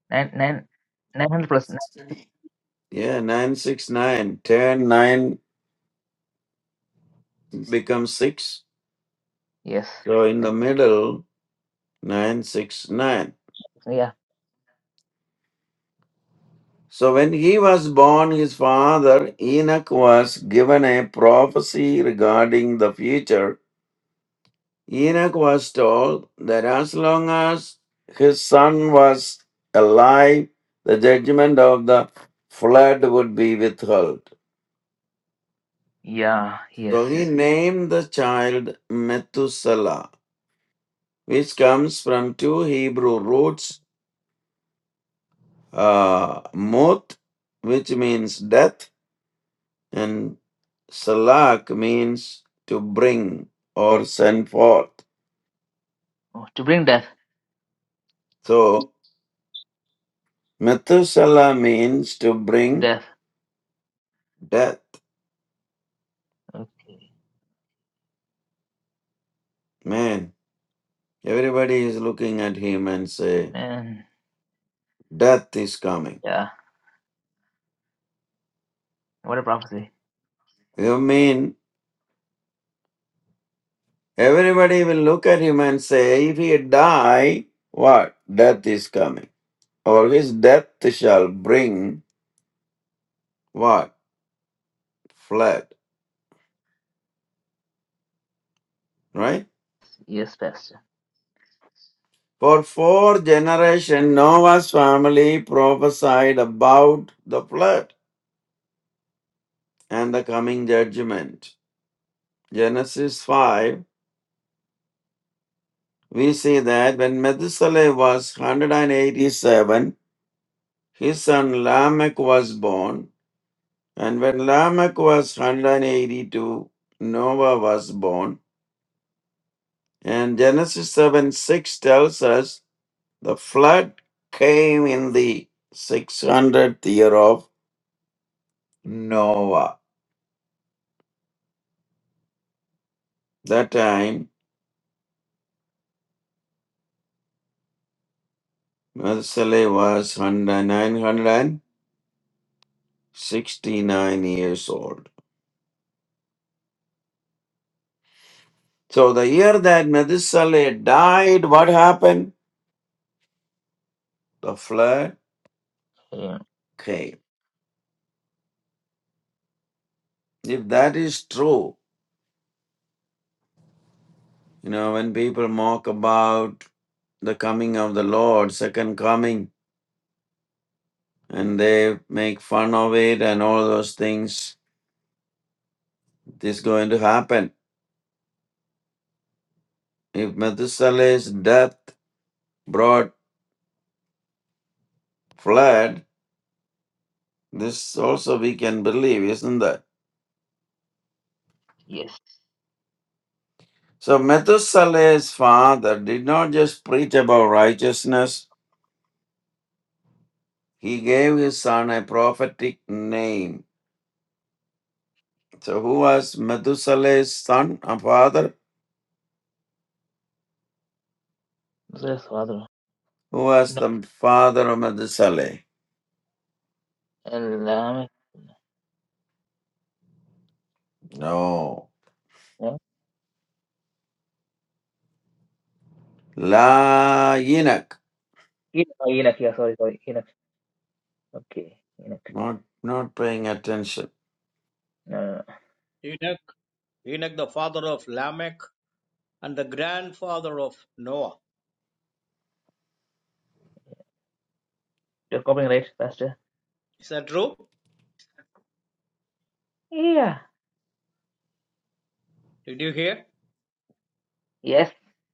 Nine nine nine hundred plus nine. Yeah, 969. 10, nine becomes 6. Yes. So in Nine- the middle, 969. Yeah. So when he was born, his father Enoch was given a prophecy regarding the future Enoch was told that as long as his son was alive, the judgment of the flood would be withheld. Yeah. Yes. So he Yeah. named the child Methuselah, which comes from two Hebrew roots, uh, Muth, which means death, and Salak means to bring or send forth. Oh, to bring death. So Methuselah means to bring Death. death. Okay. Man, Everybody is looking at him and say, Amen. Death is coming. Yeah. What a prophecy. You mean everybody will look at him and say, If he die, what? Death is coming. Or his death shall bring what? Flood. Right? Yes, Pastor. For four generations, Noah's family prophesied about the flood and the coming judgment. Genesis 5, we see that when Methuselah was 187, His son Lamech was born, and when Lamech was 182, Noah was born. And Genesis 7 6 tells us the flood came in the 600th year of Noah. That time, Methuselah was 969 years old. So the year that Methuselah died, what happened? The flood Amen. came. If that is true, You know, when people mock about the coming of the Lord, second coming, and they make fun of it and all those things, it is going to happen. If Methuselah's death brought flood, this also we can believe, isn't that? Yes. So Methuselah's father did not just preach about righteousness, he gave his son a prophetic name. So who was Methuselah's son or father? Yes, Father. Who was the father of Methuselah? No. No. Yeah. La Enoch. Enoch, oh, Enoch, yeah, sorry, sorry, Enoch. Okay, Enoch. Not not paying attention. No, no, no. Enoch. Enoch, the father of Lamech and the grandfather of Noah. You're copying, right, Pastor? Is that true? Yeah. Did you hear? Yes.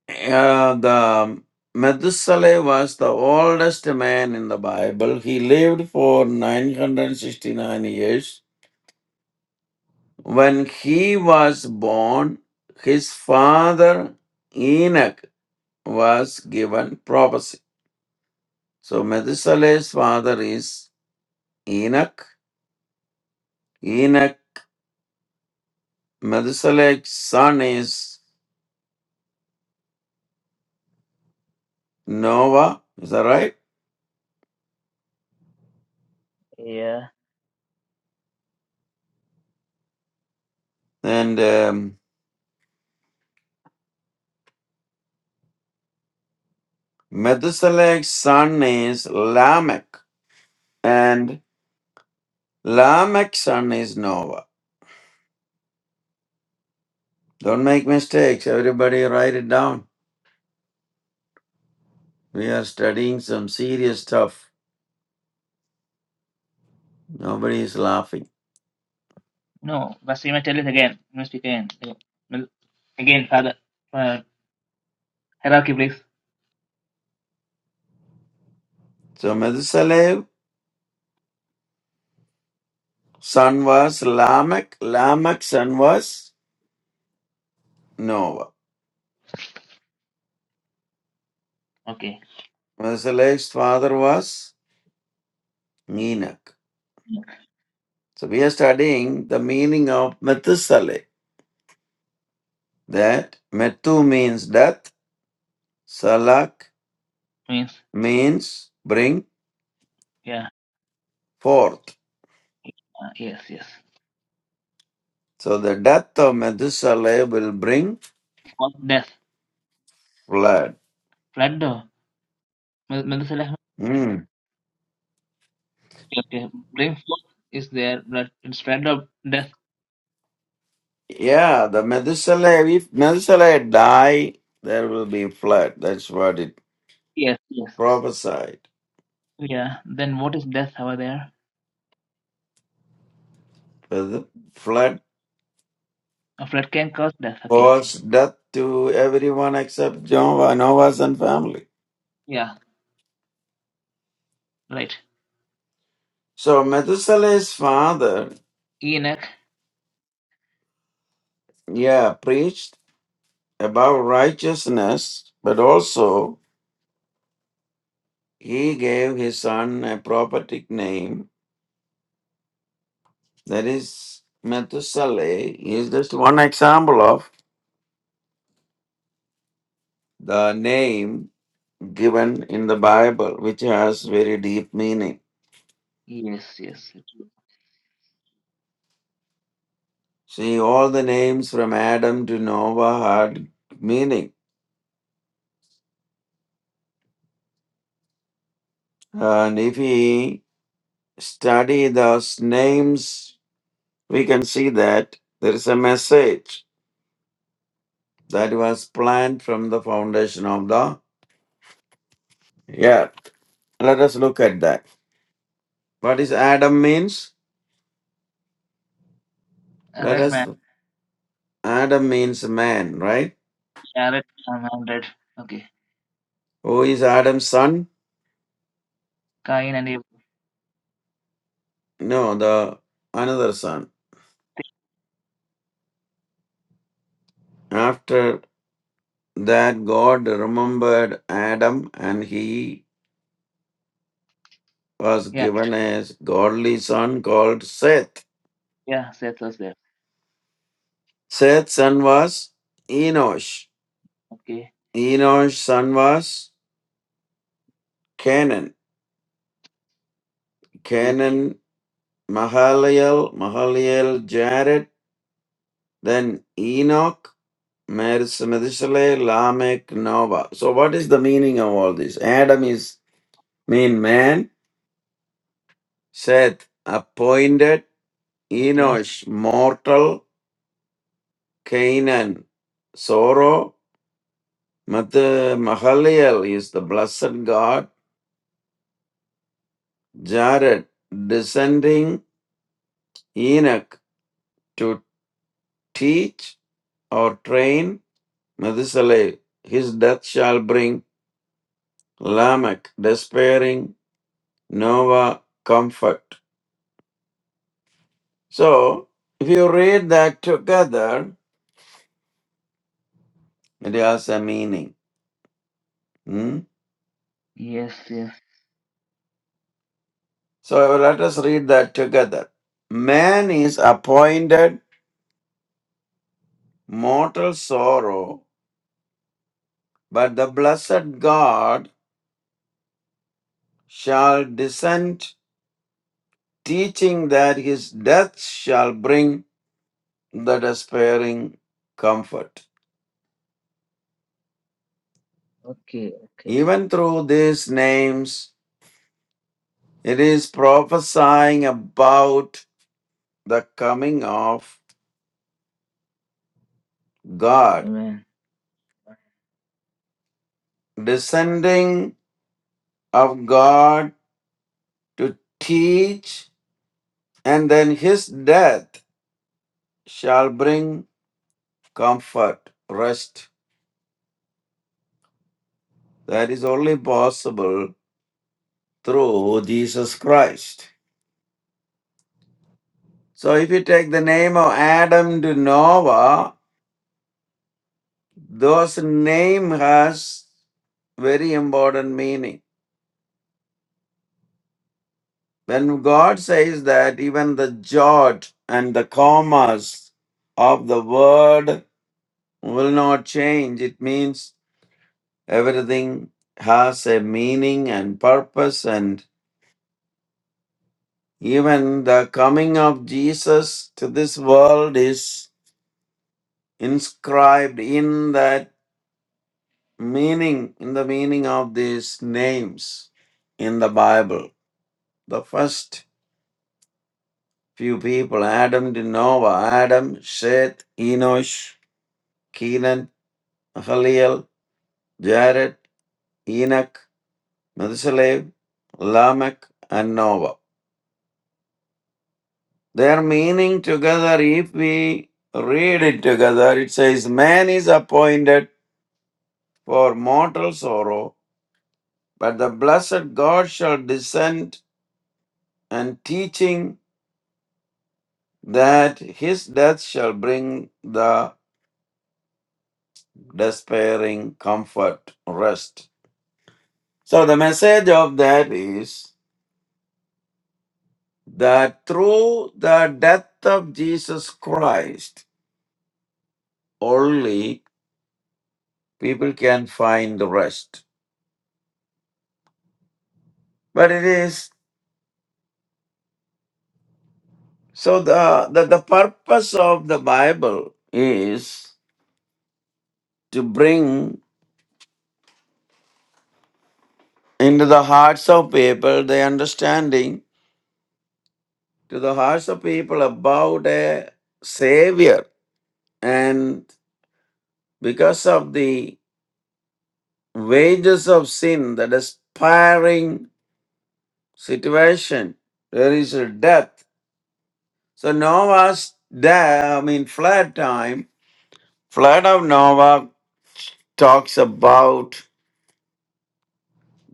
Uh, the Methuselah was the oldest man in the Bible. He lived for 969 years. When he was born, his father Enoch was given prophecy. So Methuselah's father is Enoch. Enoch, Methuselah's son is Noah. Is that right? Yeah. And um, Methuselah's son is Lamech, and Lamech's son is Noah. Don't make mistakes. Everybody write it down. We are studying some serious stuff. Nobody is laughing. No, Pastor, you must tell it again. You must speak again. Again, Well, again, Father. Uh, hierarchy, please. So Methuselah's son was Lamech. Lamech's son was Noah. Okay. Methuselah's father was Enoch. So we are studying the meaning of Methuselah. That Methu means death. Salak Means, means bring yeah. forth. Uh, yes, yes. So the death of Methuselah will bring What death? flood. Flood, or? Mel- Melchizedek? Hmm. Okay, okay. Bring forth is there, but it's flood of death. Yeah, the Methuselah, if Methuselah die, there will be flood. That's what it Yes, yes. prophesied. Yeah. Then what is death over there? But the flood A flood can cause death. Okay. caused death to everyone except Jehovah, Noah's and family. Yeah. Right. So Methuselah's father, Enoch. yeah, preached about righteousness, but also he gave his son a prophetic name That is Methuselah is just one example of the name given in the Bible, which has very deep meaning. Yes, yes. See, all the names from Adam to Noah had meaning. And if we study those names, we can see that there is a message that was planned from the foundation of the earth. Let us look at that. What is Adam means? Let Red us man. Adam means man, right? Yeah, red man. I'm red. Okay. Who is Adam's son? Cain and Abel. No, the another son. After that, God remembered Adam and he was Yeah, given a godly son called Seth. yeah. Seth was there. Seth's son was Enosh. Okay, Enosh's son was Canaan. okay, Canaan, Mahalalel, Mahalalel Jared, then Enoch, Meres- Methuselah, Lamech, Noah. So, what is the meaning of all this? Adam is mean man, Seth appointed okay. Enosh mortal, Canaan sorrow, Math- Mahaliel is the blessed God, Jared descending Enoch to teach or train Methuselah. His death shall bring Lamech despairing, Noah comfort. So, if you read that together, it has a meaning. Hmm? Yes, yes. So let us read that together. Man is appointed mortal sorrow, but the blessed God shall descend, teaching that his death shall bring the despairing comfort. Okay, okay. Even through these names, it is prophesying about the coming of God, Amen. descending of God to teach, and then his death shall bring comfort, rest that is only possible through Jesus Christ. So if you take the name of Adam to Noah, those name has very important meaning. When God says that even the jot and the commas of the word will not change, it means everything has a meaning and purpose and. Even the coming of Jesus to this world is inscribed in that meaning, in the meaning of these names in the Bible. The first few people, Adam to Noah, Adam, Seth, Enosh, Kenan, Haliel, Jared, Enoch, Methuselah, Lamech, and Noah. Their meaning together, if we read it together, it says, Man is appointed for mortal sorrow, but the blessed God shall descend and teaching that his death shall bring the despairing comfort, rest. So the message of that is that through the death of Jesus Christ only people can find rest. But it is so the, the, the purpose of the Bible is to bring into the hearts of people the understanding to the hearts of people about a savior and because of the wages of sin the despairing situation there is a death so noah's death i mean flood time flood of noah talks about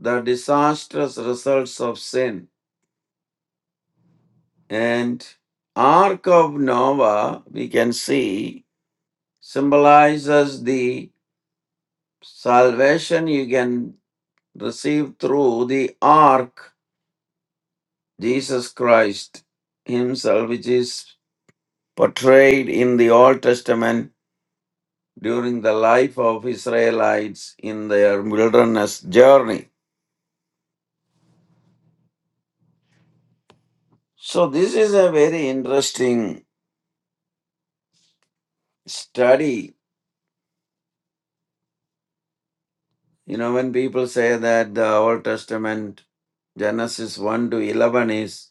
the disastrous results of sin and ark of noah we can see symbolizes the salvation you can receive through the ark, Jesus Christ Himself, which is portrayed in the Old Testament during the life of Israelites in their wilderness journey. So, this is a very interesting study. You know, when people say that the Old Testament, Genesis 1 to 11, is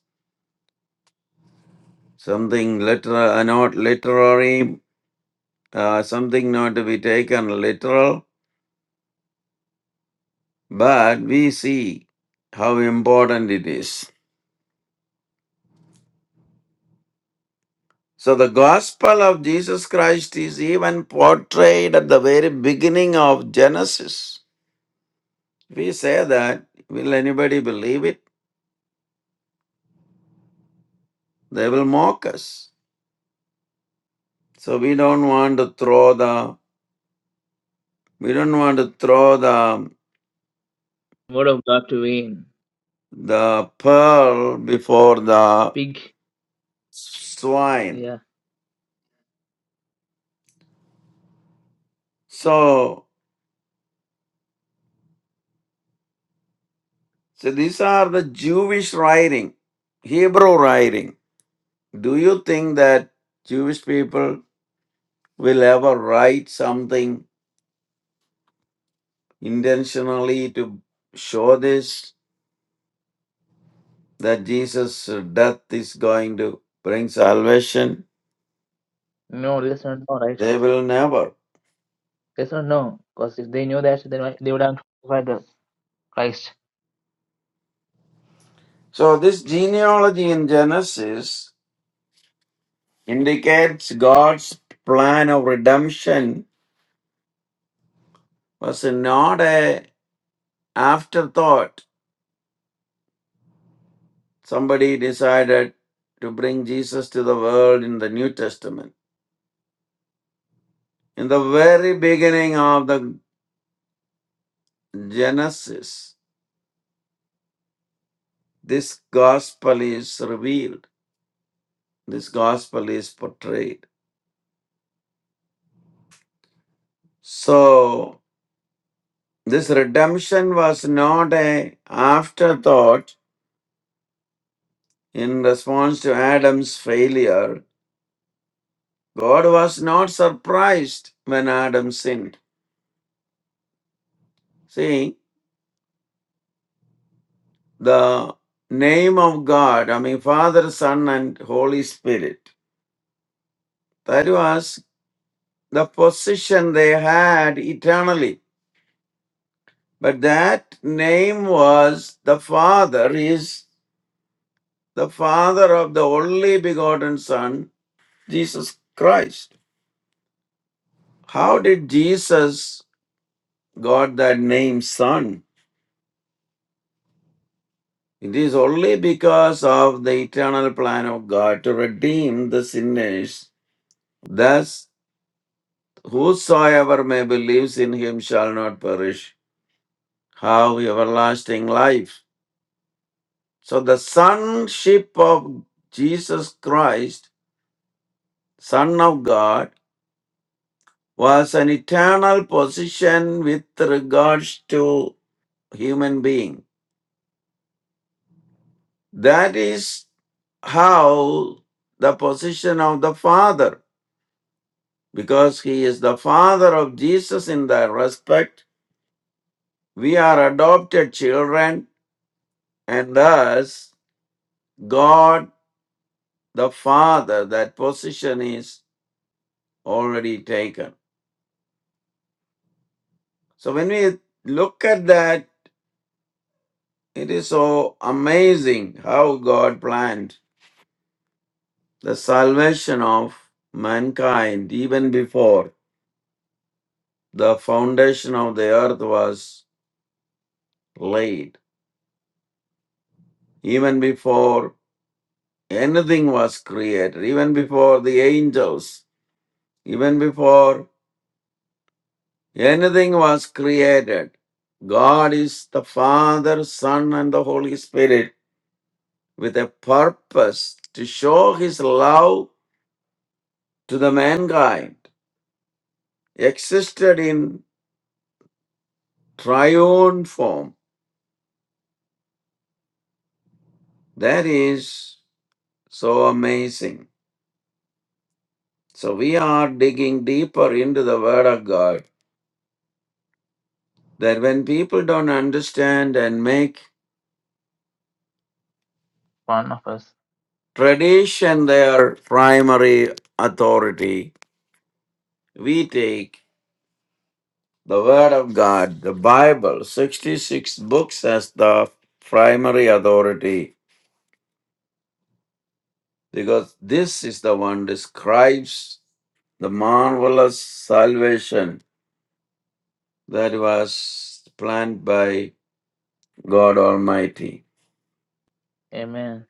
something literal, not literary uh, something not to be taken literal, but we see how important it is. So, the gospel of Jesus Christ is even portrayed at the very beginning of Genesis. We say that, will anybody believe it? They will mock us. So, we don't want to throw the we don't want to throw the Word of God to Cain. the pearl before the Pig. swine. Yeah. So So these are the Jewish writing, Hebrew writing. Do you think that Jewish people will ever write something intentionally to show this that Jesus' death is going to bring salvation? No, they just don't know, right? They will never. They just don't know. Because if they knew that, then why- they would have crucified the Christ, So this genealogy in Genesis indicates God's plan of redemption was not a afterthought somebody decided to bring Jesus to the world in the New Testament. In the very beginning of the Genesis, this gospel is revealed, this gospel is portrayed. So, this redemption was not a afterthought in response to Adam's failure. God was not surprised when Adam sinned. See, the name of God, I mean, Father, Son, and Holy Spirit. That was the position they had eternally. But that name was the Father, is the Father of the only begotten Son, Jesus Christ. How did Jesus got that name Son? It is only because of the eternal plan of God to redeem the sinners. Thus, Whosoever may believes in him shall not perish, have everlasting life. So the sonship of Jesus Christ, Son of God, was an eternal position with regards to human being. That is how the position of the Father, because he is the Father of Jesus in that respect, we are adopted children and thus God the Father, that position is already taken. So when we look at that, it is so amazing how God planned the salvation of mankind even before the foundation of the earth was laid, even before anything was created, even before the angels, even before anything was created. God is the Father, Son, and the Holy Spirit with a purpose to show his love to the mankind existed in triune form. That is so amazing. So we are digging deeper into the Word of God that when people don't understand and make one of us. tradition their primary authority, we take the Word of God, the Bible, 66 books as the primary authority because this is the one describes the marvelous salvation that was planned by God Almighty. Amen.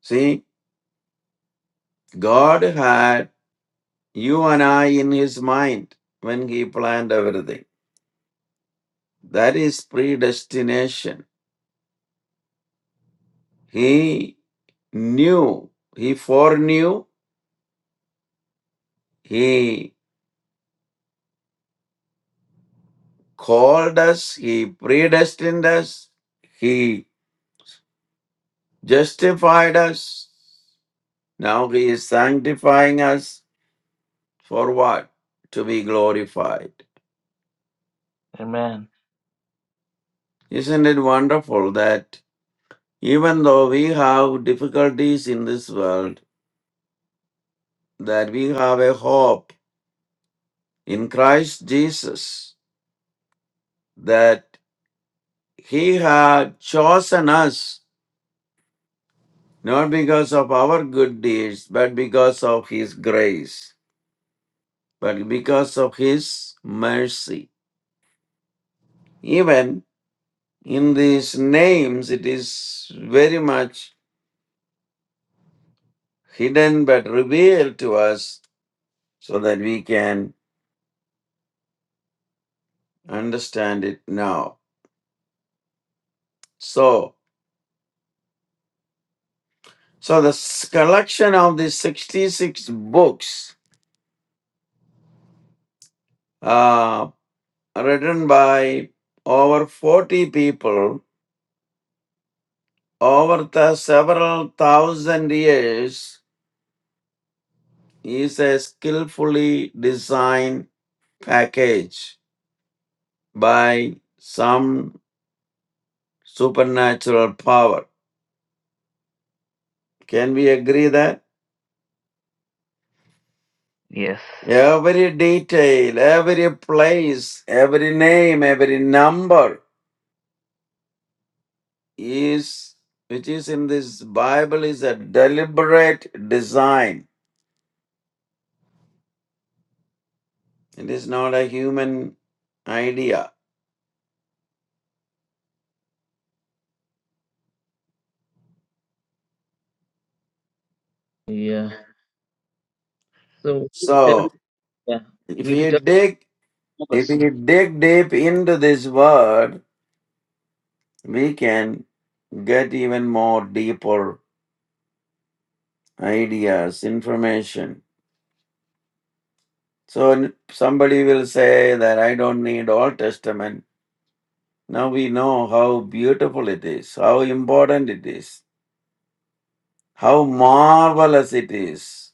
See, God had you and I in his mind when he planned everything. That is predestination. He knew, he foreknew, he called us, he predestined us, he justified us, Now he is sanctifying us for what? To be glorified. Amen. Isn't it wonderful that even though we have difficulties in this world, that we have a hope in Christ Jesus, that he had chosen us not because of our good deeds, but because of his grace, but because of his mercy. Even in these names, it is very much hidden but revealed to us so that we can understand it now. So, so the s- collection of the 66 books uh, written by over 40 people over the several thousand years is a skillfully designed package by some supernatural power. Can we agree that? Yes. Every detail, every place, every name, every number is which is in this Bible is a deliberate design. It is not a human idea. Yeah. So, we tell, So yeah. if We you tell dig if focus. you dig deep into this word, we can get even more deeper ideas, information. So n- somebody will say that I don't need Old Testament. Now we know how beautiful it is, how important it is, how marvelous it is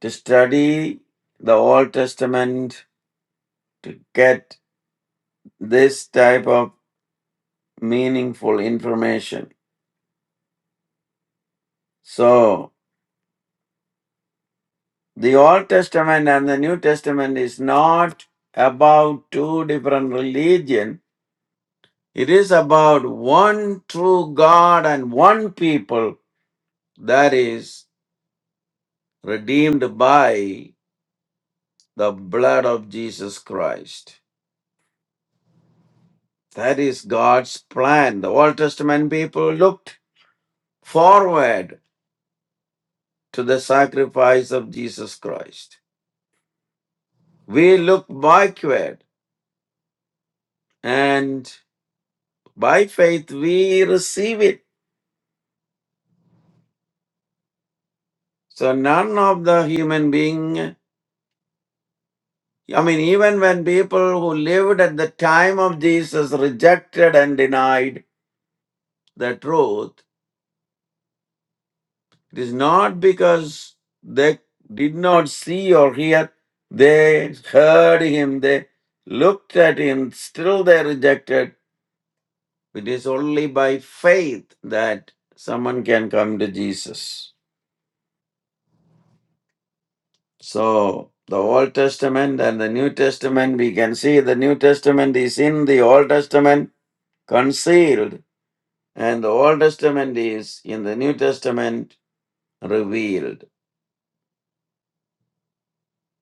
to study the Old Testament to get this type of meaningful information. So, the Old Testament and the New Testament is not about two different religion. It is about one true God and one people that is redeemed by the blood of Jesus Christ. That is God's plan. The Old Testament people looked forward to the sacrifice of Jesus Christ. We look backward and by faith we receive it. So none of the human being, I mean, even when people who lived at the time of Jesus rejected and denied the truth, It is not because they did not see or hear, they heard him, they looked at him, still they rejected. It is only by faith that someone can come to Jesus. So, the Old Testament and the New Testament, we can see the New Testament is in the Old Testament concealed, and the Old Testament is in the New Testament revealed.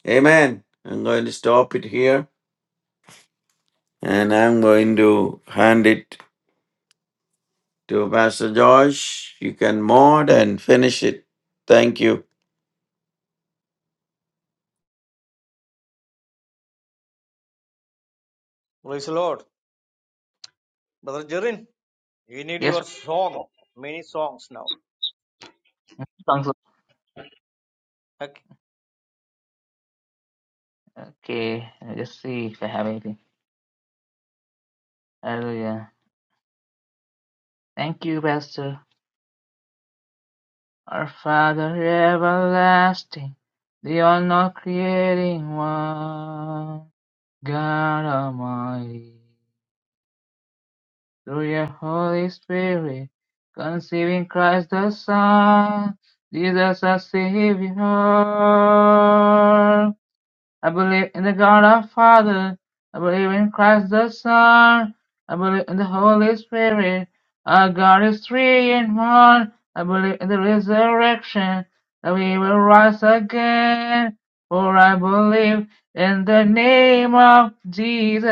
Amen. I'm going to stop it here. And I'm going to hand it to Pastor Josh. You can mod and finish it. Thank you. Praise the Lord. Brother Jirin, we need Yes. your song. Many songs now. Thanks. Okay. Okay, I'll just see if I have anything. Hallelujah. Thank you, Pastor. Our Father everlasting, the all knowing creating one, God Almighty, through your Holy Spirit, conceiving Christ the Son, Jesus our Savior. I believe in the God our Father. I believe in Christ the Son. I believe in the Holy Spirit. Our God is three in one. I believe in the resurrection that we will rise again. For I believe in the name of Jesus.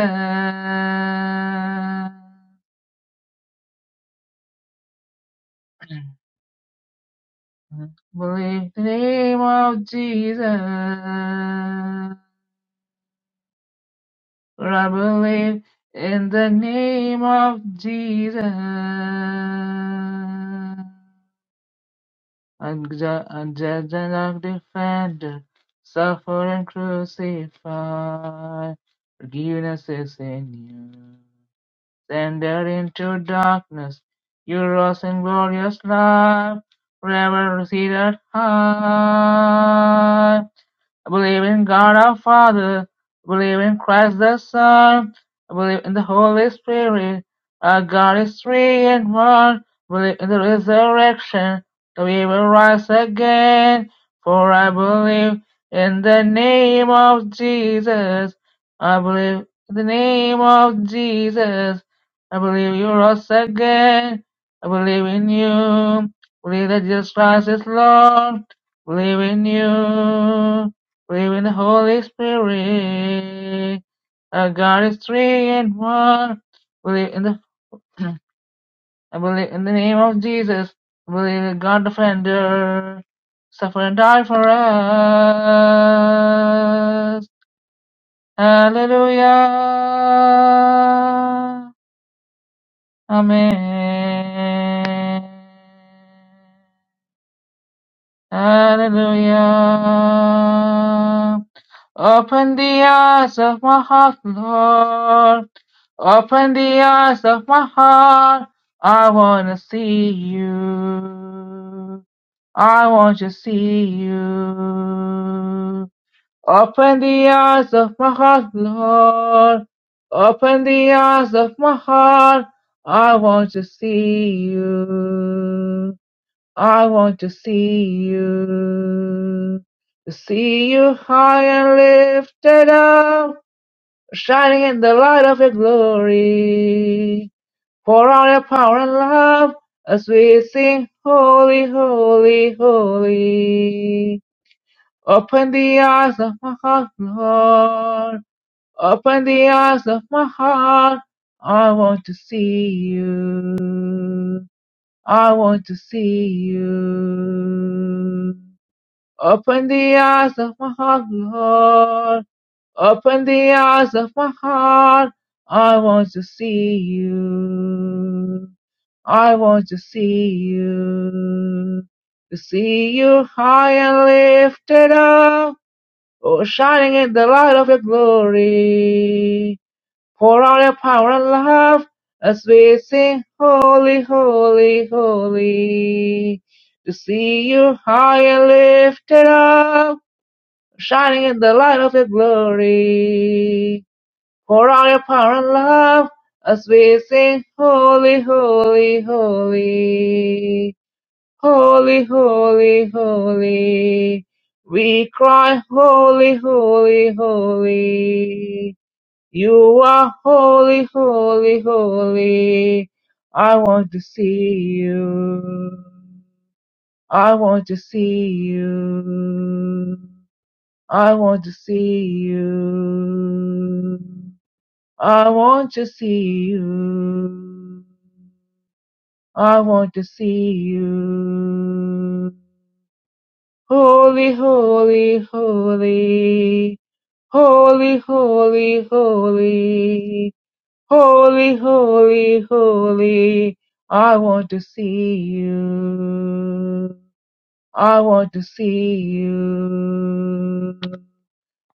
(clears throat) believe in the name of Jesus. I believe in the name of Jesus. And judge and our suffer and crucify. Forgiveness is in you. Sended into darkness, you rose in glorious light, forever seated high. I believe in God our Father. I believe in Christ the Son. I believe in the Holy Spirit. Our God is three in one. I believe in the resurrection. That we will rise again. For I believe in the name of Jesus. I believe in the name of Jesus. I believe you rose again. I believe in you. Believe that Jesus Christ is Lord. Believe in you. Believe in the Holy Spirit. Our God is three and one. Believe in the (clears throat) I believe in the name of Jesus. I believe in God defender. Suffer and die for us. Hallelujah. Amen. Hallelujah. Open the eyes of my heart, Lord. Open the eyes of my heart. I want to see you. I want to see you. Open the eyes of my heart, Lord. Open the eyes of my heart. I want to see you. I want to see you. To see you high and lifted up, shining in the light of your glory. Pour out your power and love as we sing, Holy, Holy, Holy. Open the eyes of my heart, Lord. Open the eyes of my heart. I want to see you. I want to see you. Open the eyes of my heart, Lord. Open the eyes of my heart. I want to see you. I want to see you. To see you high and lifted up Oh, shining in the light of your glory, pour out your power and love as we sing, Holy, Holy, Holy. To see you high and lifted up, shining in the light of your glory, pour out your power and love as we sing, Holy, Holy, Holy. Holy, holy, holy. We cry, holy, holy, holy. You are holy, holy, holy. I want to see you. I want to see you. I want to see you. I want to see you. I want to see you. Holy, holy, holy. Holy, holy, holy. Holy, holy, holy. I want to see you. I want to see you.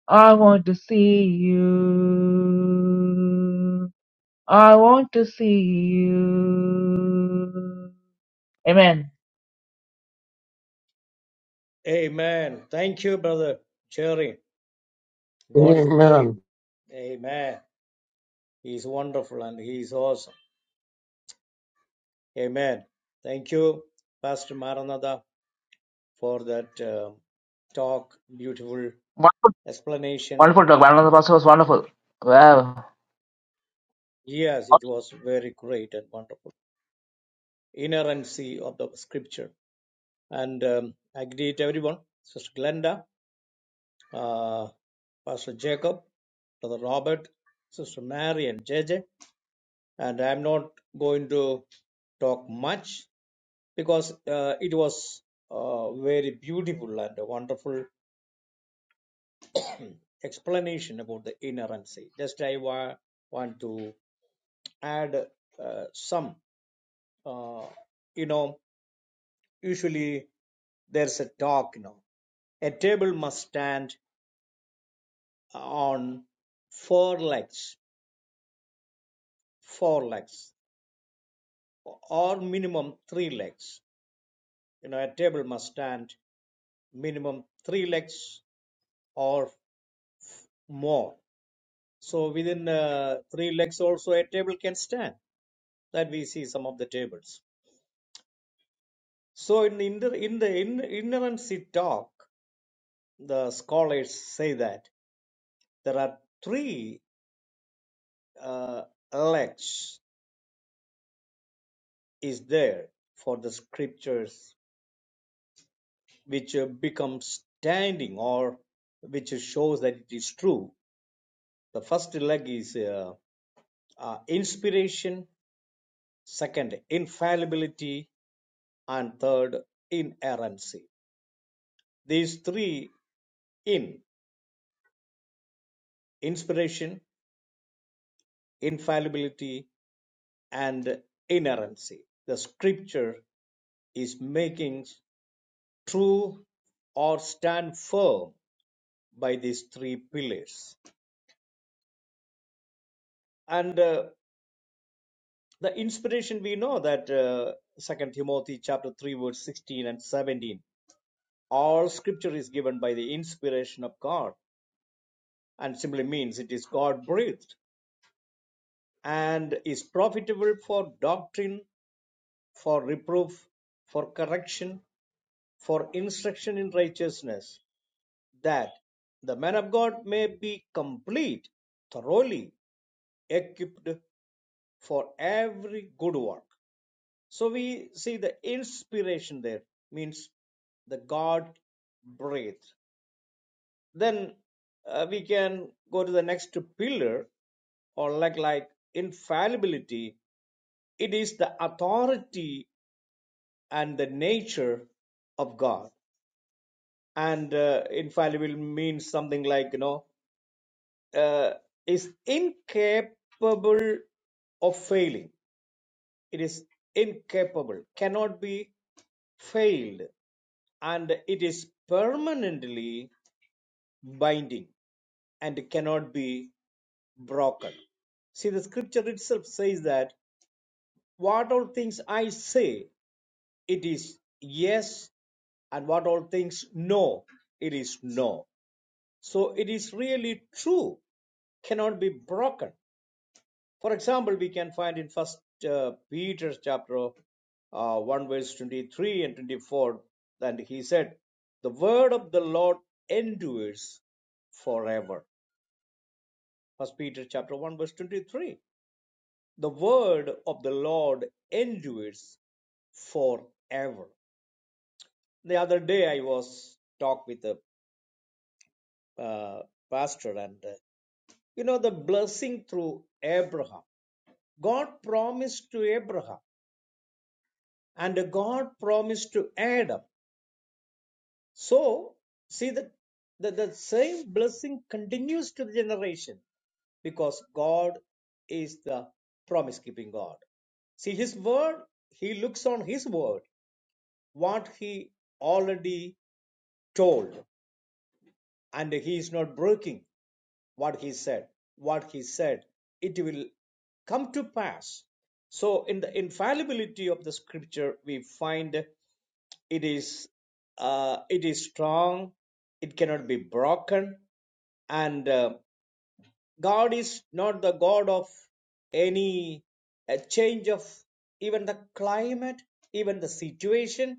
I want to see you. I want to see you. Amen. Amen. Thank you, Brother Jirin. God is holy. Amen. Amen. He is wonderful and He is awesome. Amen. Thank you, Pastor Maranatha, for that uh, talk, beautiful explanation. Wonderful talk. One of the pastors was wonderful. Wow. Yes, it was very great and wonderful. Inerrancy of the scripture. And um, I greet everyone, Sister Glenda, uh, Pastor Jacob, Brother Robert, Sister Mary, and JJ. And I'm not going to talk much because uh, it was uh, very beautiful and a wonderful explanation about the inerrancy. Just I wa- want to add uh, some, uh, you know, usually there's a talk, you know, a table must stand on four legs, four legs, or minimum three legs. You know, a table must stand minimum three legs or more So within uh, three legs also a table can stand. That we see some of the tables. So in the inner- in the in, inerrancy talk, the scholars say that there are three uh, legs is there for the scriptures which uh, become standing or which shows that it is true. The first leg is uh, uh, inspiration, second infallibility, and third inerrancy these three in inspiration, infallibility, and inerrancy. The scripture is making true or stand firm by these three pillars. And uh, the inspiration we know that uh, 2 Timothy chapter 3 verse 16 and 17 all scripture is given by the inspiration of God and simply means it is God breathed and is profitable for doctrine for reproof for correction for instruction in righteousness, that the man of God may be complete, thoroughly equipped for every good work. So we see the inspiration there means the God breathed. Then uh, we can go to the next pillar, or like like infallibility. It is the authority and the nature of God. and uh, infallible means something like you know uh, is incapable of failing it is incapable cannot be failed and it is permanently binding and cannot be broken see the scripture itself says that what all things i say it is yes and what all things no it is no So it is really true, cannot be broken. For example, we can find in First uh, Peter chapter uh, 1 verse 23 and 24 and he said the word of the lord endures forever first peter chapter 1 verse 23 the word of the lord endures forever the other day i was talk with a uh, pastor and uh, you know the blessing through abraham God promised to Abraham and God promised to Adam. So, see that the, the same blessing continues to the generation because God is the promise keeping God. See his word, he looks on his word, what he already told, and he is not breaking. what he said what he said it will come to pass so in the infallibility of the scripture we find it is uh, it is strong it cannot be broken and uh, god is not the god of any a change of even the climate even the situation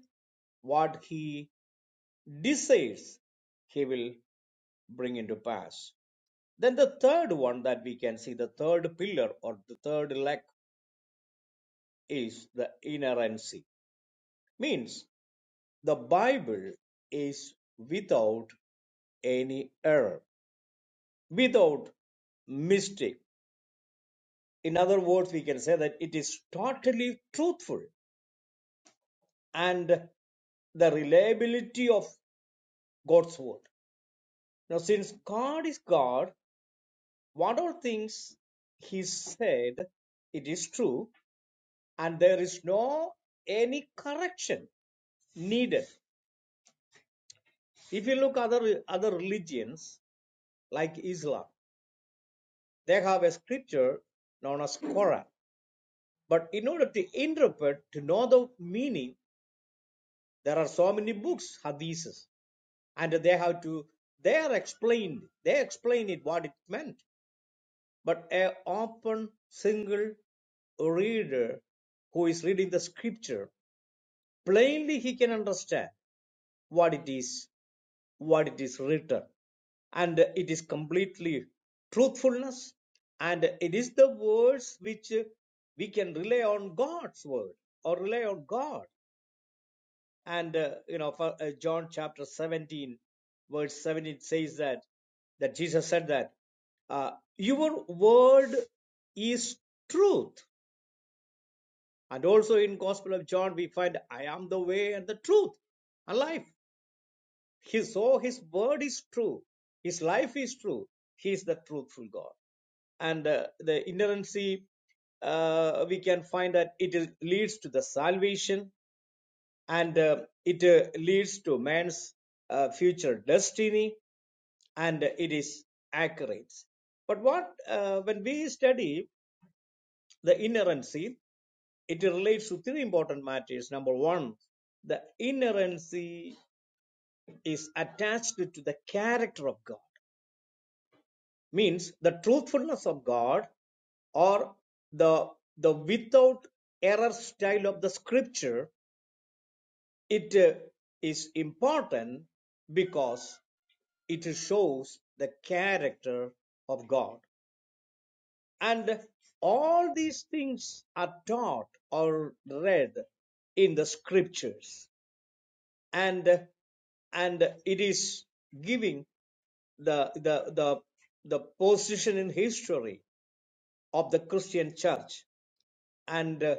what he desires he will bring into pass then the third one that we can see, the third pillar or the third leg is the inerrancy. Means the Bible is without any error, without mistake. In other words, we can say that it is totally truthful and the reliability of God's word. Now, since God is God, what all things He said, it is true, and there is no any correction needed. If you look other other religions like Islam, they have a scripture known as Quran. But in order to interpret, to know the meaning, there are so many books, hadiths, and they have to they are explained. They explain it what it meant. But a open single reader who is reading the scripture plainly he can understand what it is what it is written and it is completely truthfulness and it is the words which uh, we can rely on god's word or rely on god and uh, you know for uh, john chapter 17 verse 17 says that that jesus said that uh, your word is truth and also in gospel of john we find i am the way and the truth and life He, so his word is true. His life is true. He is the truthful God. And uh, the inerrancy, uh, we can find that it is, leads to the salvation and uh, it uh, leads to man's uh, future destiny and uh, it is accurate. But what uh, when we study the inerrancy, it relates to three important matters. Number one, the inerrancy is attached to the character of God. means the truthfulness of God or the the without error style of the scripture it uh, is important because it shows the character of god and all these things are taught or read in the scriptures and and it is giving the the the the position in history of the christian church and uh,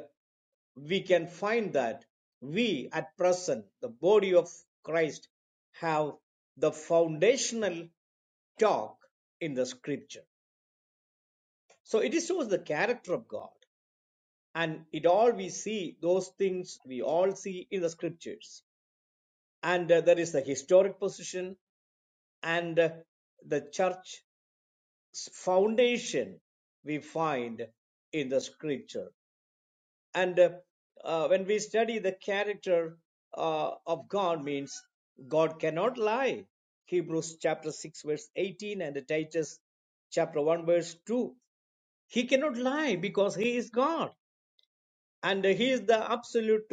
we can find that we at present the body of christ have the foundational talk in the scripture so it shows the character of god and it all we see those things we all see in the scriptures and uh, there is the historic position and uh, the church's foundation we find in the scripture and uh, uh, when we study the character uh, of god means god cannot lie hebrews chapter 6 verse 18 and titus chapter 1 verse 2 he cannot lie because he is god and he is the absolute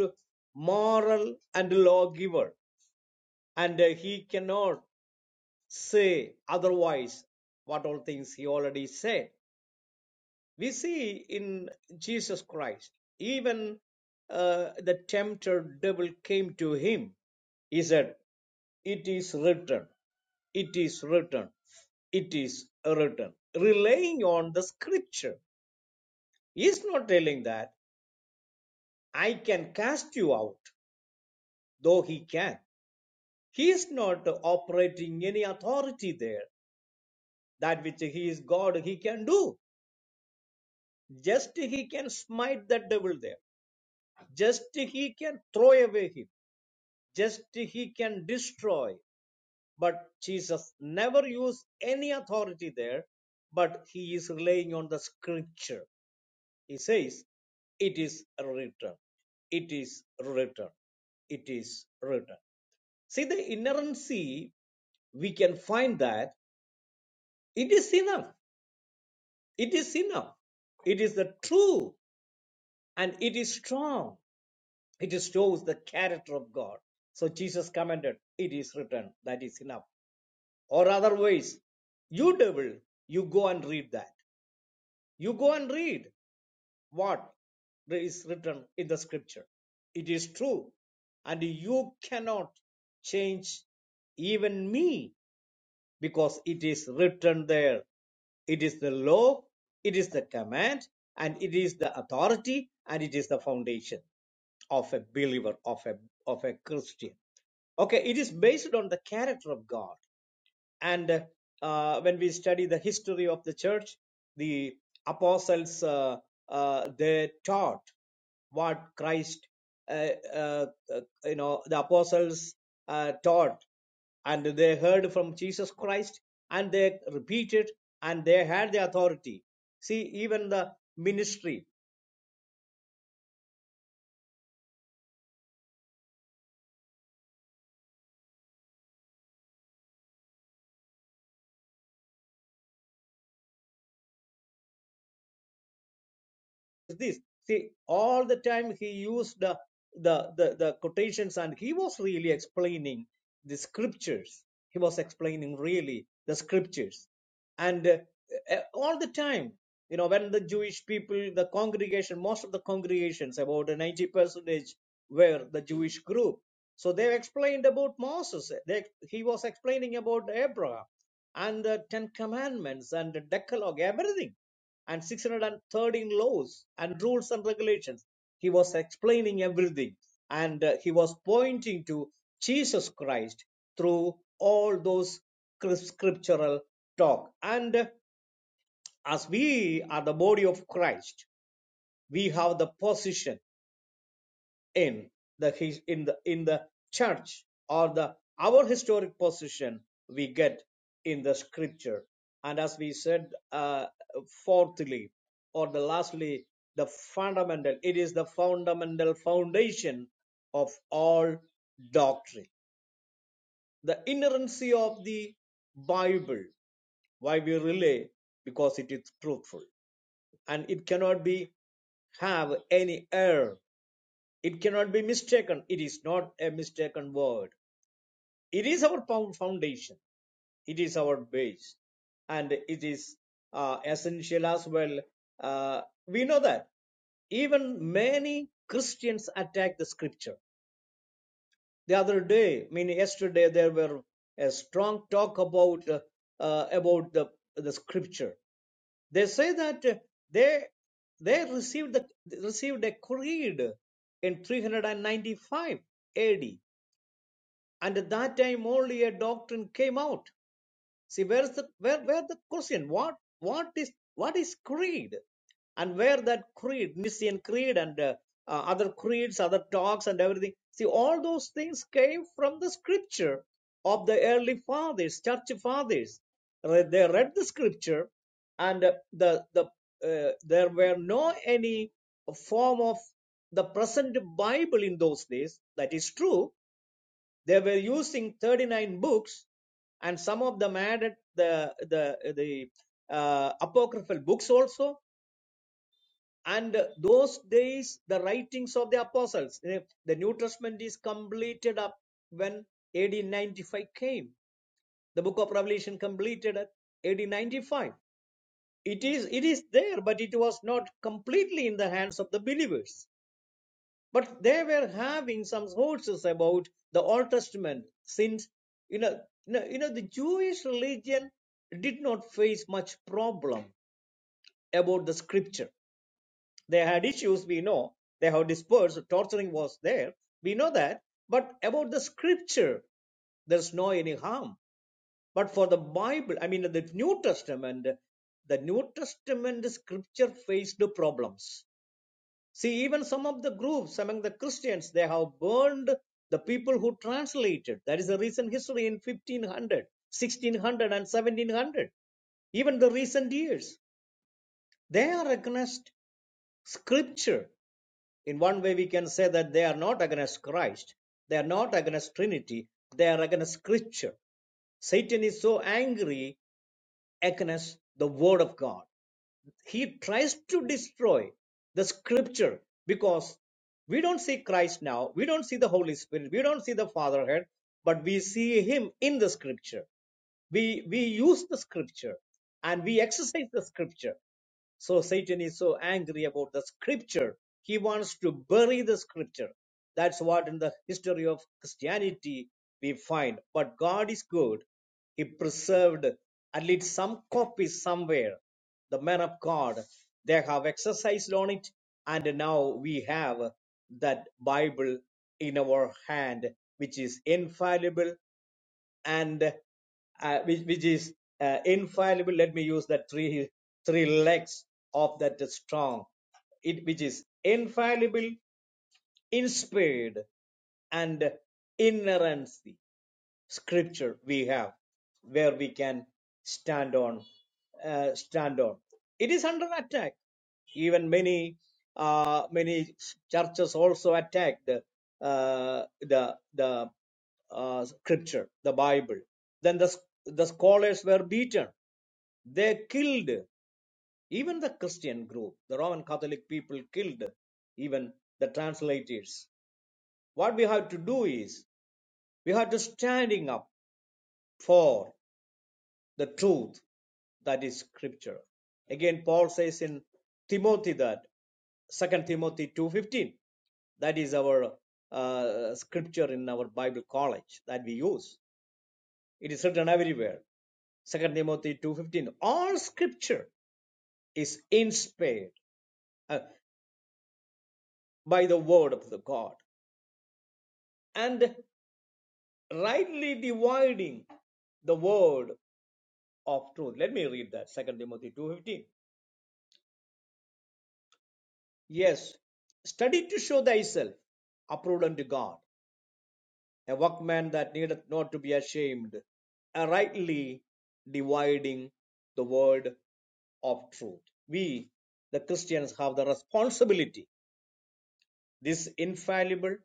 moral and lawgiver and he cannot say otherwise what all things he already said we see in Jesus Christ, even uh, the tempter devil came to him. He said, It is written, it is written, it is written. Relying on the scripture. He is not telling that I can cast you out, though he can. He is not operating any authority there. That which he is God, he can do. Just he can smite the devil there. Just he can throw away him just he can destroy but jesus never used any authority there but he is relying on the scripture he says it is written it is written it is written see the inerrancy we can find that it is enough it is enough it is the true and it is strong it shows the character of god so jesus commented it is written that is enough or otherwise you devil you go and read that you go and read what is written in the scripture it is true and you cannot change even me because it is written there it is the law it is the command and it is the authority and it is the foundation of a believer of a of a christian okay it is based on the character of god and uh, when we study the history of the church the apostles uh, uh, they taught what christ uh, uh, uh, you know the apostles uh, taught and they heard from jesus christ and they repeated and they had the authority see even the ministry is this. See, all the time he used uh, the, the, the quotations and he was really explaining the scriptures. He was explaining really the scriptures. And uh, uh, all the time, you know, when the Jewish people, the congregation, most of the congregations, about 90% were the Jewish group. So they explained about Moses. They, he was explaining about Abraham and the Ten Commandments and the Decalogue, everything and 613 laws and rules and regulations. He was explaining everything and uh, he was pointing to Jesus Christ through all those scriptural talk. And uh, as we are the body of Christ, we have the position in the his- in the in the church or the our historic position we get in the scripture and as we said uh, fourthly or the lastly the fundamental it is the fundamental foundation of all doctrine the inerrancy of the bible why we relay because it is truthful and it cannot be have any error it cannot be mistaken. It is not a mistaken word. It is our foundation. It is our base. And it is uh, essential as well. Uh, we know that. even many Christians attack the scripture. The other day, I mean yesterday, there were a strong talk about uh, uh, about the the scripture. They say that uh, they they received the, received a creed in 395 AD, and at that time only a doctrine came out. See, where is the where where the question? What what is what is creed? And where that creed, Nicene creed, and uh, uh, other creeds, other talks, and everything. See, all those things came from the scripture of the early fathers, church fathers. Re- They read the scripture, and uh, the the uh, there were no any form of the present Bible in those days. That is true they were using 39 books, and some of them added the the the uh, apocryphal books also. And those days, the writings of the apostles, eh, the New Testament is completed up when AD 95 came. The book of Revelation completed at AD 95. It is it is there, but it was not completely in the hands of the believers But they were having some sources about the Old Testament since you know, you know, you know the Jewish religion did not face much problem about the scripture. They had issues, we know. They have dispersed, torturing was there. We know that. But about the scripture, there's no any harm. But for the Bible, I mean the New Testament, the New Testament scripture faced problems See, even some of the groups among the Christians, they have burned the people who translated. That is the recent history in 1500, 1600, and 1700. Even the recent years, they are against Scripture. In one way, we can say that they are not against Christ. They are not against Trinity. They are against Scripture. Satan is so angry against the word of God. He tries to destroy the scripture because we don't see Christ now, we don't see the Holy Spirit, we don't see the Fatherhead, but we see Him in the scripture. We, we use the scripture and we exercise the scripture. So Satan is so angry about the scripture. He wants to bury the scripture. That's what in the history of Christianity we find. But God is good. He preserved at least some copies somewhere. The men of God, they have exercised on it. And now we have that Bible in our hand, which is infallible and uh, which, which is uh, infallible. Let me use that three three legs of that strong, it which is infallible, inspired, and inerrancy scripture we have where we can stand on uh, stand on it is under attack even many uh, many churches also attack the uh, the the uh, scripture the bible then the the scholars were beaten they killed even the christian group the roman catholic people killed even the translators what we have to do is we have to standing up for the truth that is scripture again paul says in timothy that Second timothy 2.15 that is our uh, scripture in our bible college that we use it is written everywhere Second timothy 2.15 all scripture is inspired uh, by the word of the god and rightly dividing the word of truth let me read that Second timothy 2.15 Yes, study to show thyself approved unto God, a workman that needeth not to be ashamed, a rightly dividing the word of truth. We, the Christians, have the responsibility, this infallible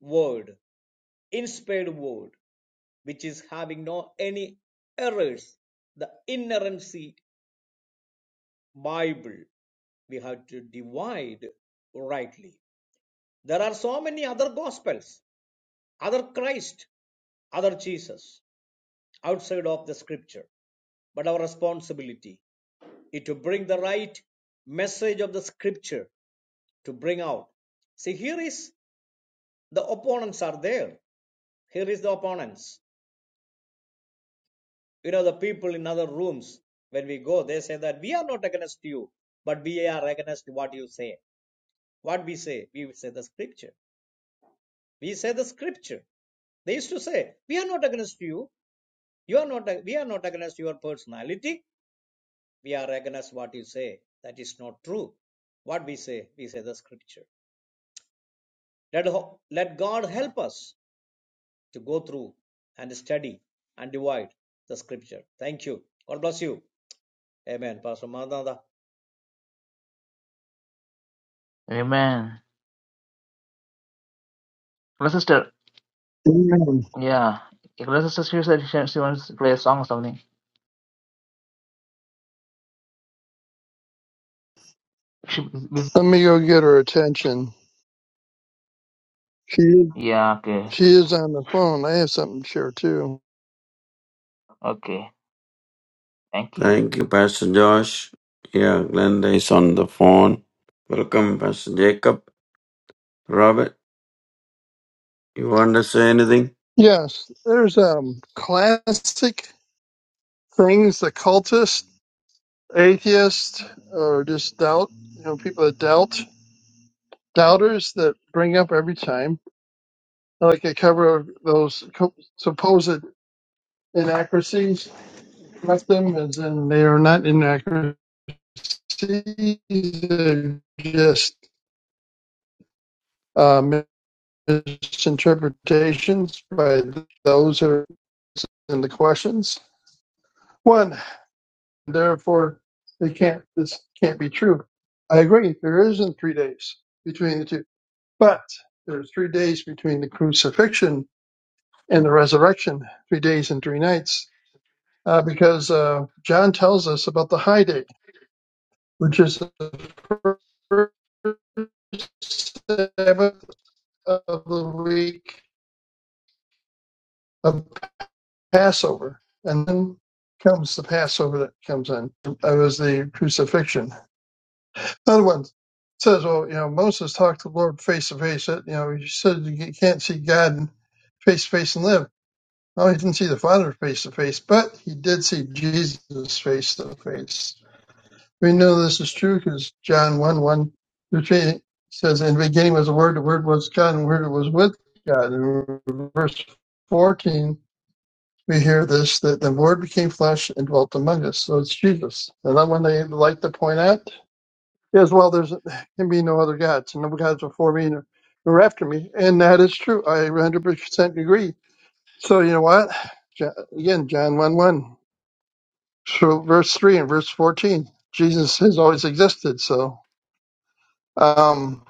word, inspired word, which is having no any errors, the inerrancy Bible, we have to divide rightly. There are so many other gospels, other Christ. other Jesus outside of the scripture. But our responsibility is to bring the right message of the scripture to bring out. See, here is the opponents are there. Here is the opponents. You know, the people in other rooms, when we go, they say that we are not against you, but we are against what you say. What we say? We say the scripture. We say the scripture. They used to say, we are not against you. You are not, we are not against your personality we are against what you say. That is not true. What we say, we say the scripture. Let, let God help us to go through and study and divide the scripture. Thank you. God bless you. Amen. Pastor Madanda. Amen. Leicester, Amen. yeah. Leicester, she said she, she wants to play a song or something. She busy. Let me go get her attention. She Yeah, okay, she is on the phone. I have something to share too. okay, thank you. Thank you, Pastor Josh. Yeah, Glenda is on the phone. Welcome, Pastor Jacob. Robert, you want to say anything? Yes, there's um classic things the cultist, atheist, or just doubt. You know, people that doubt, doubters that bring up every time. I like to cover those co- supposed inaccuracies. Left them as in they are not inaccuracies. They're just uh, misinterpretations by those who are in the questions. One, therefore, they can't. This can't be true. I agree. There isn't three days between the two, but there's three days between the crucifixion and the resurrection. Three days and three nights, uh, because uh, John tells us about the high day, which is the first Sabbath of the week of. Passover. And then comes the Passover that comes in. That was the crucifixion. Another one says, well, you know, Moses talked to the Lord face to face. You know, he said you can't see God face to face and live. No, he didn't see the Father face to face, but he did see Jesus face to face. We know this is true because John 1 1 through 3 says, In the beginning was the Word, the Word was God, and the Word was with God. And verse 14 we hear this that the Word became flesh and dwelt among us. So it's Jesus. And then when they like to point out is well, there's can be no other gods, and no gods before me nor, nor after me. And that is true. I 100% agree. So you know what? Jo- Again, John 1 1, so verse 3 and verse 14. Jesus has always existed. So um,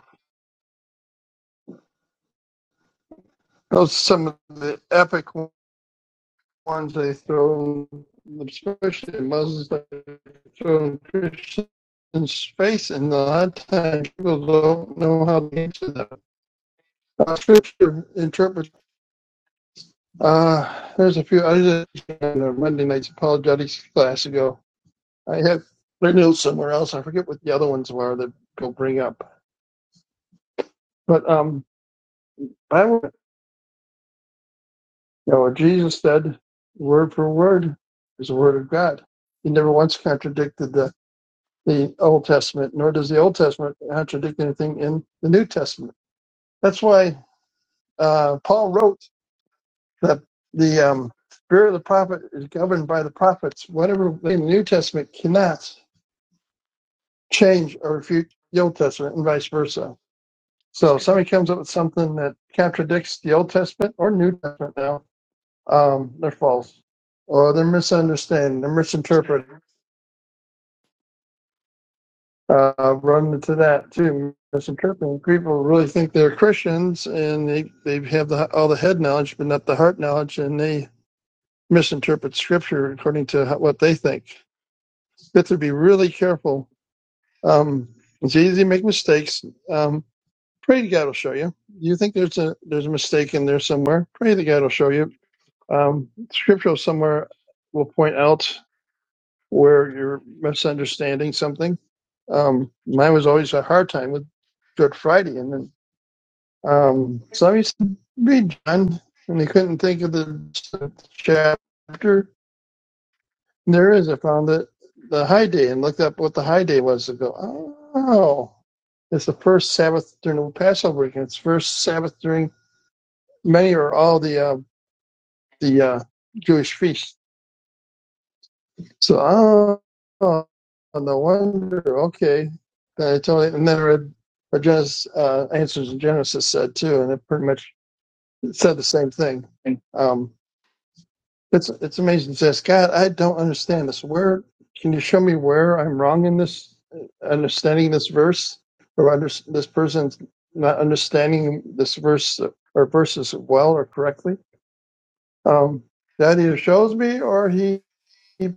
those are some of the epic ones they throw, especially Muslims, they throw in Christians' face, and a lot of times people don't know how to answer them. Uh, scripture interpret. Uh, there's a few. I did a Monday night's apologetics class ago. I have their notes somewhere else. I forget what the other ones were that go bring up. But um, I would, you know, what Jesus said word for word is the word of God. He never once contradicted the the Old Testament, nor does the Old Testament contradict anything in the New Testament. That's why uh, Paul wrote that the um, spirit of the prophet is governed by the prophets. Whatever in the New Testament cannot change or refute the Old Testament, and vice versa. So if somebody comes up with something that contradicts the Old Testament or New Testament now, um, they're false, or they're misunderstanding, they're misinterpreting. uh, run into that too. Misinterpreting people really think they're Christians and they, they have the, all the head knowledge but not the heart knowledge, and they misinterpret Scripture according to how, what they think. You have to be really careful. Um, it's easy to make mistakes. Um, pray to God will show you. You think there's a there's a mistake in there somewhere? Pray to God will show you. Um, scripture somewhere will point out where you're misunderstanding something. Um, mine was always a hard time with Good Friday, and then um, some used to read John, and they couldn't think of the chapter. And there is, I found it, the high day and looked up what the high day was to go, oh, it's the first Sabbath during the Passover weekend. It's first Sabbath during many or all the uh, the uh, Jewish feasts So, oh, oh, no wonder. Okay. Then I totally, and then I read what Genesis, uh, Answers in Genesis said too, and it pretty much said the same thing. Um, it's, it's amazing. It says, God, I don't understand this. Where, can you show me where I'm wrong in this, uh, understanding this verse? Or under, this person's not understanding this verse or verses well or correctly? Um, that either shows me or he he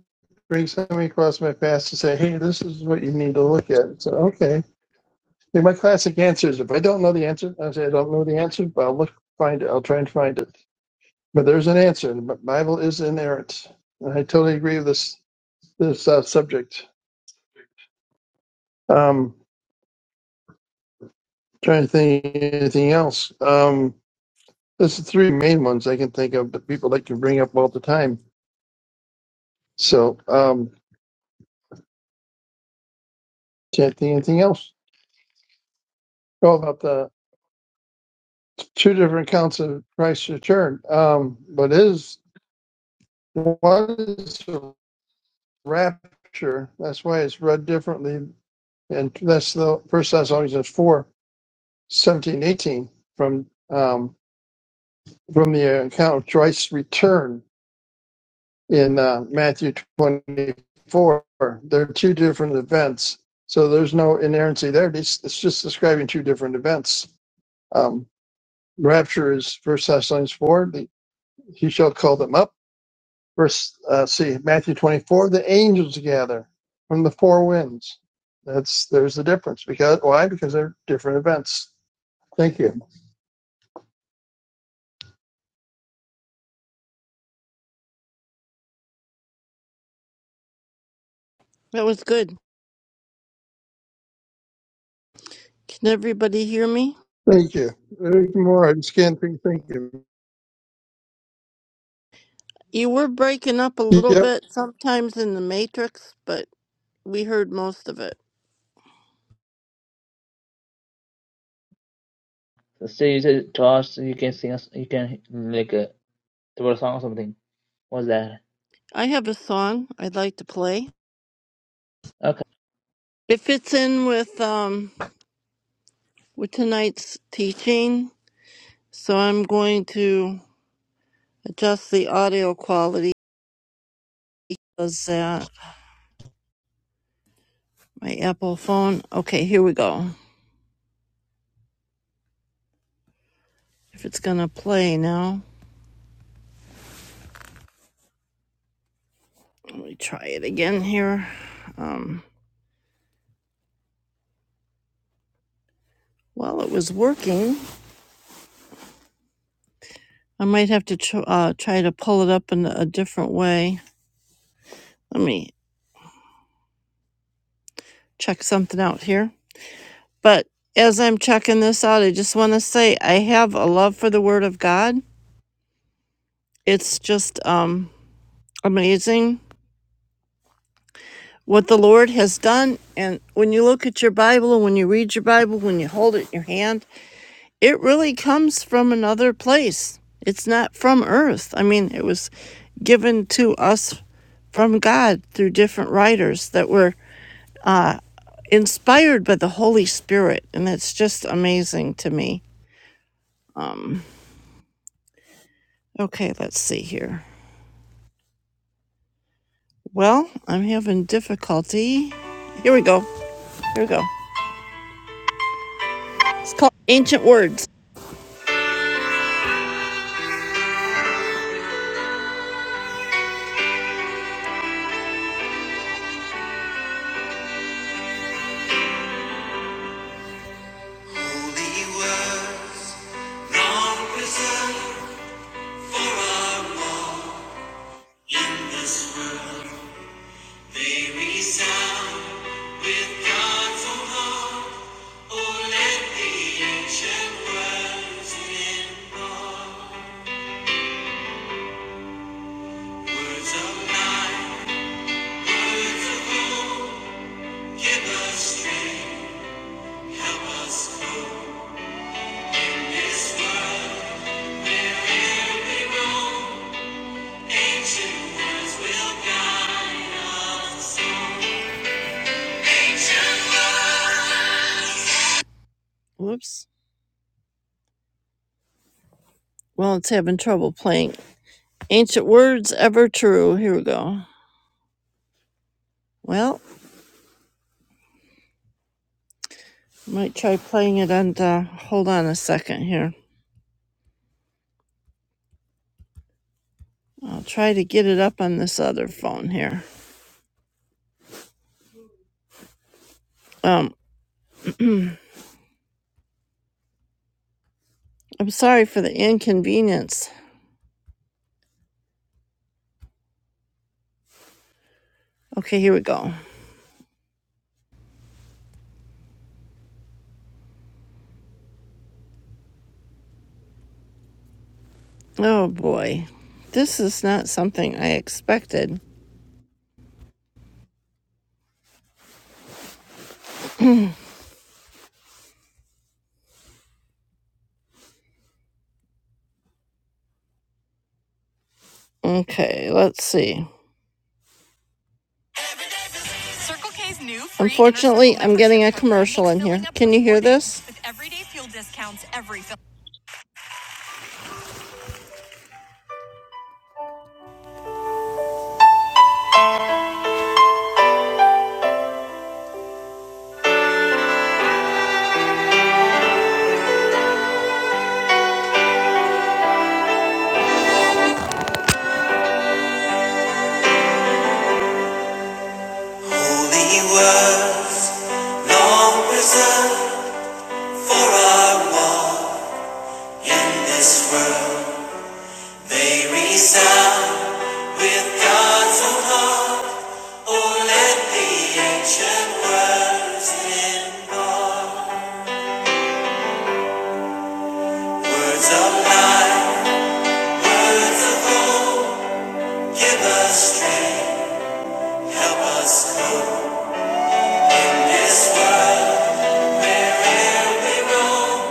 brings somebody across my past to say, "Hey, this is what you need to look at." So, okay. Like my classic answer is, if I don't know the answer, I say I don't know the answer, but I'll look, find it. I'll try and find it. But there's an answer, and the Bible is inerrant. And I totally agree with this this uh, subject. Um, trying to think of anything else. Um, there's the three main ones I can think of that people like to bring up all the time. So um, can't think of anything else. Oh, about the two different counts of Christ's return. Um, but is what is the rapture? That's why it's read differently, and that's the First Thessalonians 4 17 18 from um, from the account of Christ's return in uh, Matthew twenty four. They're two different events, so there's no inerrancy there. It's, it's just describing two different events. Um, rapture is First Thessalonians four. The, he shall call them up verse uh, see Matthew 24 the angels gather from the four winds that's there's the difference because why because they're different events thank you That was good. Can everybody hear me? thank you Eric Moore I just can't think thank you You were breaking up a little yep bit sometimes in the Matrix, but we heard most of it. So you said to us you can sing us, you can like a throw a song or something. What's that? I have a song I'd like to play. Okay. It fits in with um with tonight's teaching, so I'm going to adjust the audio quality. Does that? My Apple phone. Okay, here we go. If it's gonna play now, let me try it again here. Um, while it was working, I might have to tr- uh, try to pull it up in a different way. Let me check something out here. But as I'm checking this out, I just want to say I have a love for the Word of God. It's just um, amazing what the Lord has done. And when you look at your Bible and when you read your Bible, when you hold it in your hand, it really comes from another place. It's not from earth. I mean, it was given to us from God through different writers that were uh, inspired by the Holy Spirit. And that's just amazing to me. Um, okay, let's see here. Well, I'm having difficulty. Here we go. Here we go. It's called Ancient Words. They resound with God's own heart. Oh, let the ancient words in God. words of life, words of hope. Give us strength, help us through this world wherever we roam. Ancient words will guide us. all. Ancient words. Whoops. Well, it's having trouble playing. Ancient words ever true. Here we go. Well, might try playing it on the. Hold on a second here. I'll try to get it up on this other phone here. Um, I'm sorry for the inconvenience. Okay, here we go. Oh boy, this is not something I expected. Okay, let's see. Holy words, long preserved for our walk in this world. They resound with God's own heart. Oh, let the ancient words involve words of life, words of hope. Give us strength, help us cope this world where'er we roam.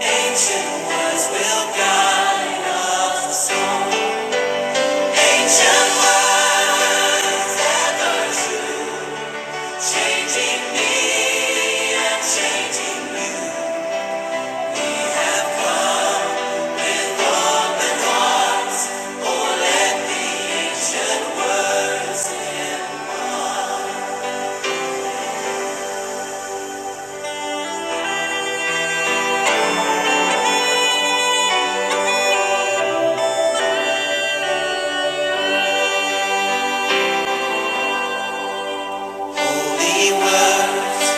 Ancient words will guide us. on. Ancient words ever true, changing me and changing ancient words. Holy words,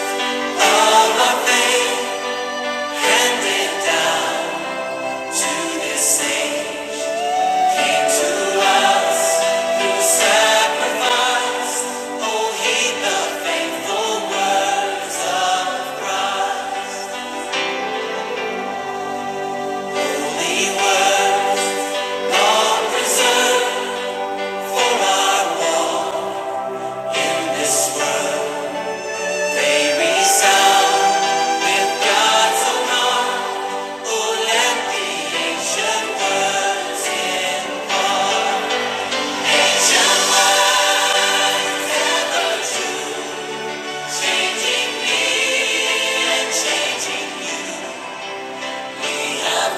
and in Changing me and changing you. We have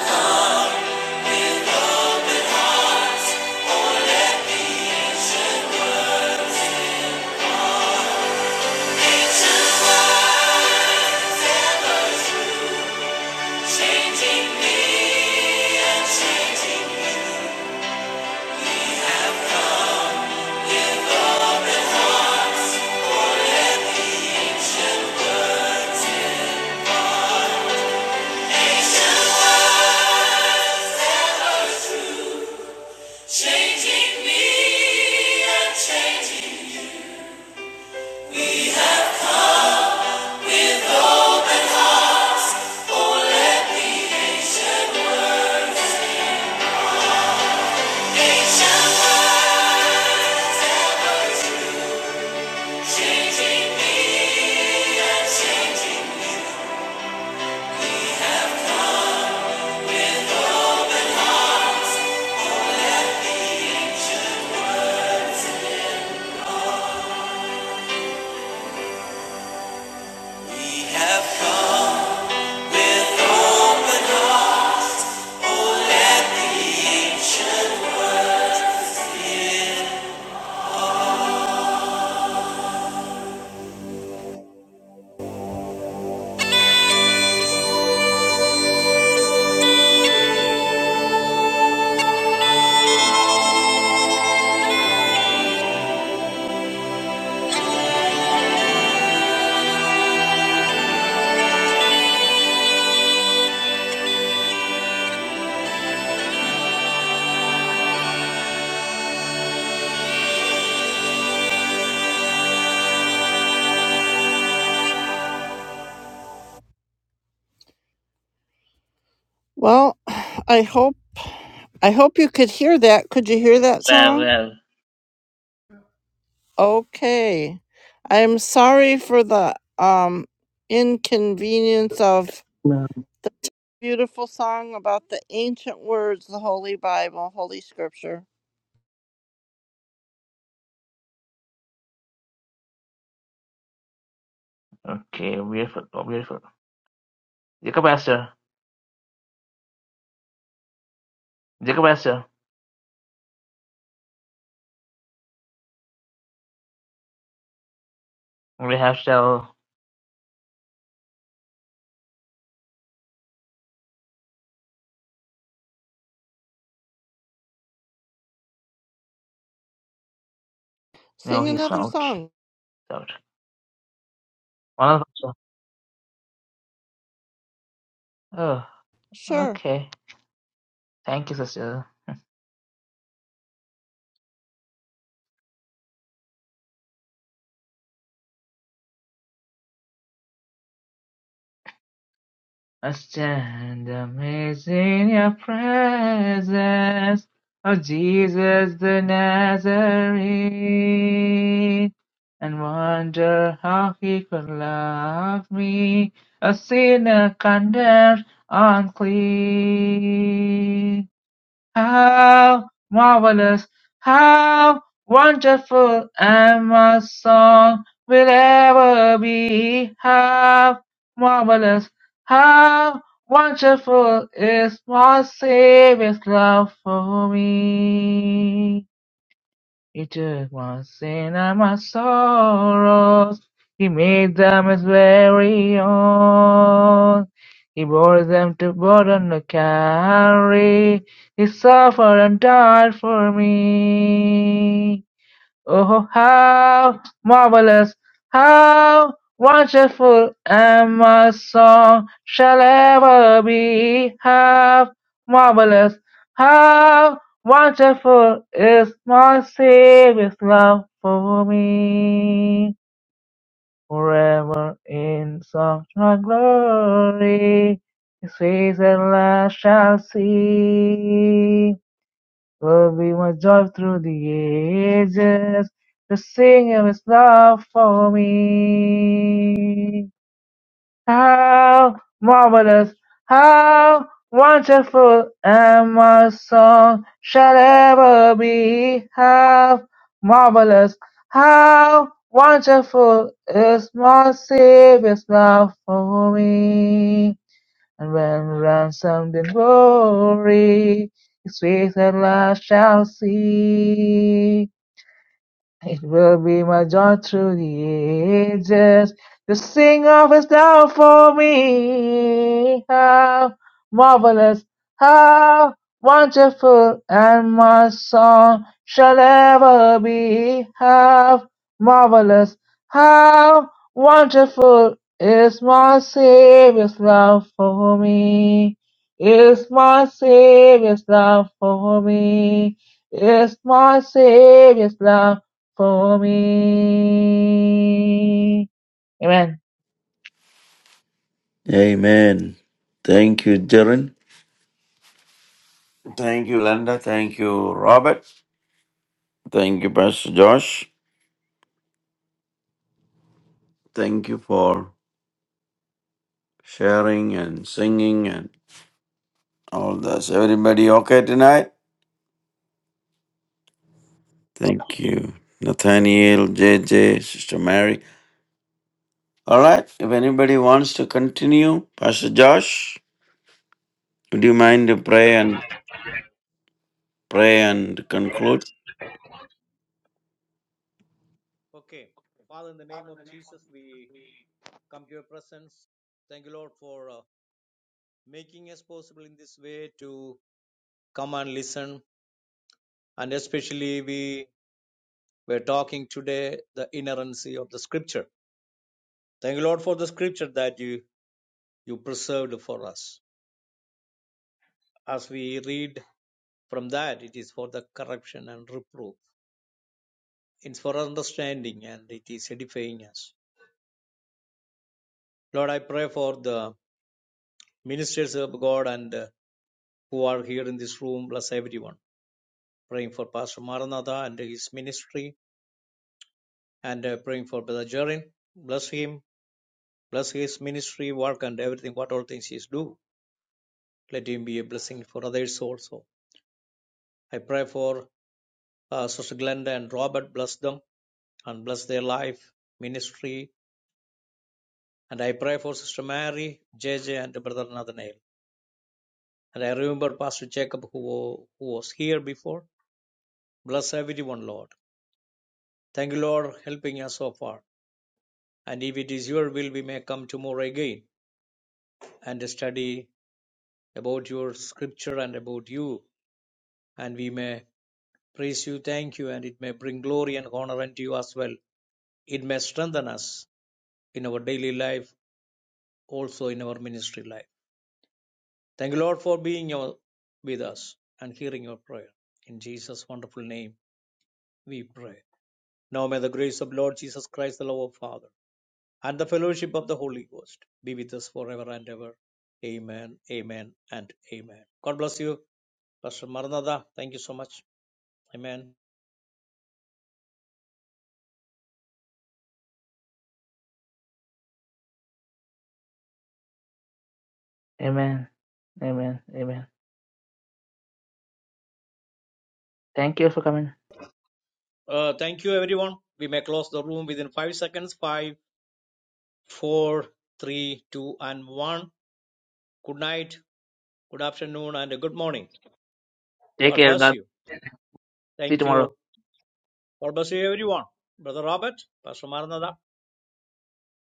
Well, I hope I hope you could hear that. Could you hear that Well, song? well. Okay. I'm sorry for the um inconvenience of the beautiful song about the ancient words, the Holy Bible, Holy Scripture. Okay, beautiful, oh, beautiful. Jacob Astor, Jacob Astor. We have to tell, no, Sing he's another out. song. He's out. One of the- Oh, Sure. okay. Thank you, sister. I stand amazed in your presence, O Jesus the Nazarene, and wonder how he could love me, a sinner condemned unclean. How marvelous, how wonderful, and my song will ever be. How marvelous, how wonderful is my Savior's love for me. He took my sin and my sorrows. He made them his very own. He bore them to burden to carry. He suffered and died for me. Oh, how marvelous, how wonderful, and my song shall ever be. How marvelous, how wonderful is my Savior's love for me. Forever in song and glory, his face at last shall see. Oh, we must drive through the ages to sing of His love for me. How marvelous, how wonderful, and my song shall ever be. How marvelous, how wonderful is my Savior's love for me. And when ransomed in glory, His face at last shall see. It will be my joy through the ages to sing of his love for me. How marvelous, how wonderful, and my song shall ever be. How marvelous, how wonderful is my Savior's love for me. Is my Savior's love for me. Is my Savior's love for me. Amen. Amen. Thank you, Jaren. Thank you, Glenda. Thank you, Robert. Thank you, Pastor Josh. Thank you for sharing and singing and all this. Everybody okay tonight? Thank you, Nathaniel, J J, Sister Mary. All right, if anybody wants to continue, Pastor Josh, would you mind to pray and pray and conclude? Okay. Father, in the name of Jesus, we come to your presence. Thank you, Lord, for uh, making us possible in this way to come and listen. And especially, we were talking today the inerrancy of the scripture. Thank you, Lord, for the scripture that you you preserved for us. As we read from that, it is for the correction and reproof. It's for understanding and it is edifying us. Lord, I pray for the ministers of God and uh, who are here in this room, bless everyone. Praying for Pastor Maranatha and his ministry and uh, praying for Brother Jerin. Bless him, bless his ministry, work, and everything, what all things he is do. Let him be a blessing for others also. I pray for uh, Sister Glenda and Robert, bless them and bless their life, ministry. And I pray for Sister Mary, J J, and Brother Nathaniel. And I remember Pastor Jacob, who, who was here before. Bless everyone, Lord. Thank you, Lord, helping us so far. And if it is your will, we may come tomorrow again and study about your scripture and about you. And we may praise you, thank you, and it may bring glory and honor unto you as well. It may strengthen us in our daily life, also in our ministry life. Thank you, Lord, for being your, with us and hearing your prayer. In Jesus' wonderful name, we pray. Now may the grace of Lord Jesus Christ, the love of Father, and the fellowship of the Holy Ghost be with us forever and ever. Amen, amen, and amen. God bless you, Pastor Maranatha. Thank you so much. Amen. Amen. Amen. Amen. Thank you for coming. Uh, thank you, everyone. We may close the room within five seconds. Five, four, three, two, and one. Good night, good afternoon, and good morning. Take God care. bless God. you. See you Thank you. tomorrow. God bless you, everyone. Brother Robert, Pastor Maranatha.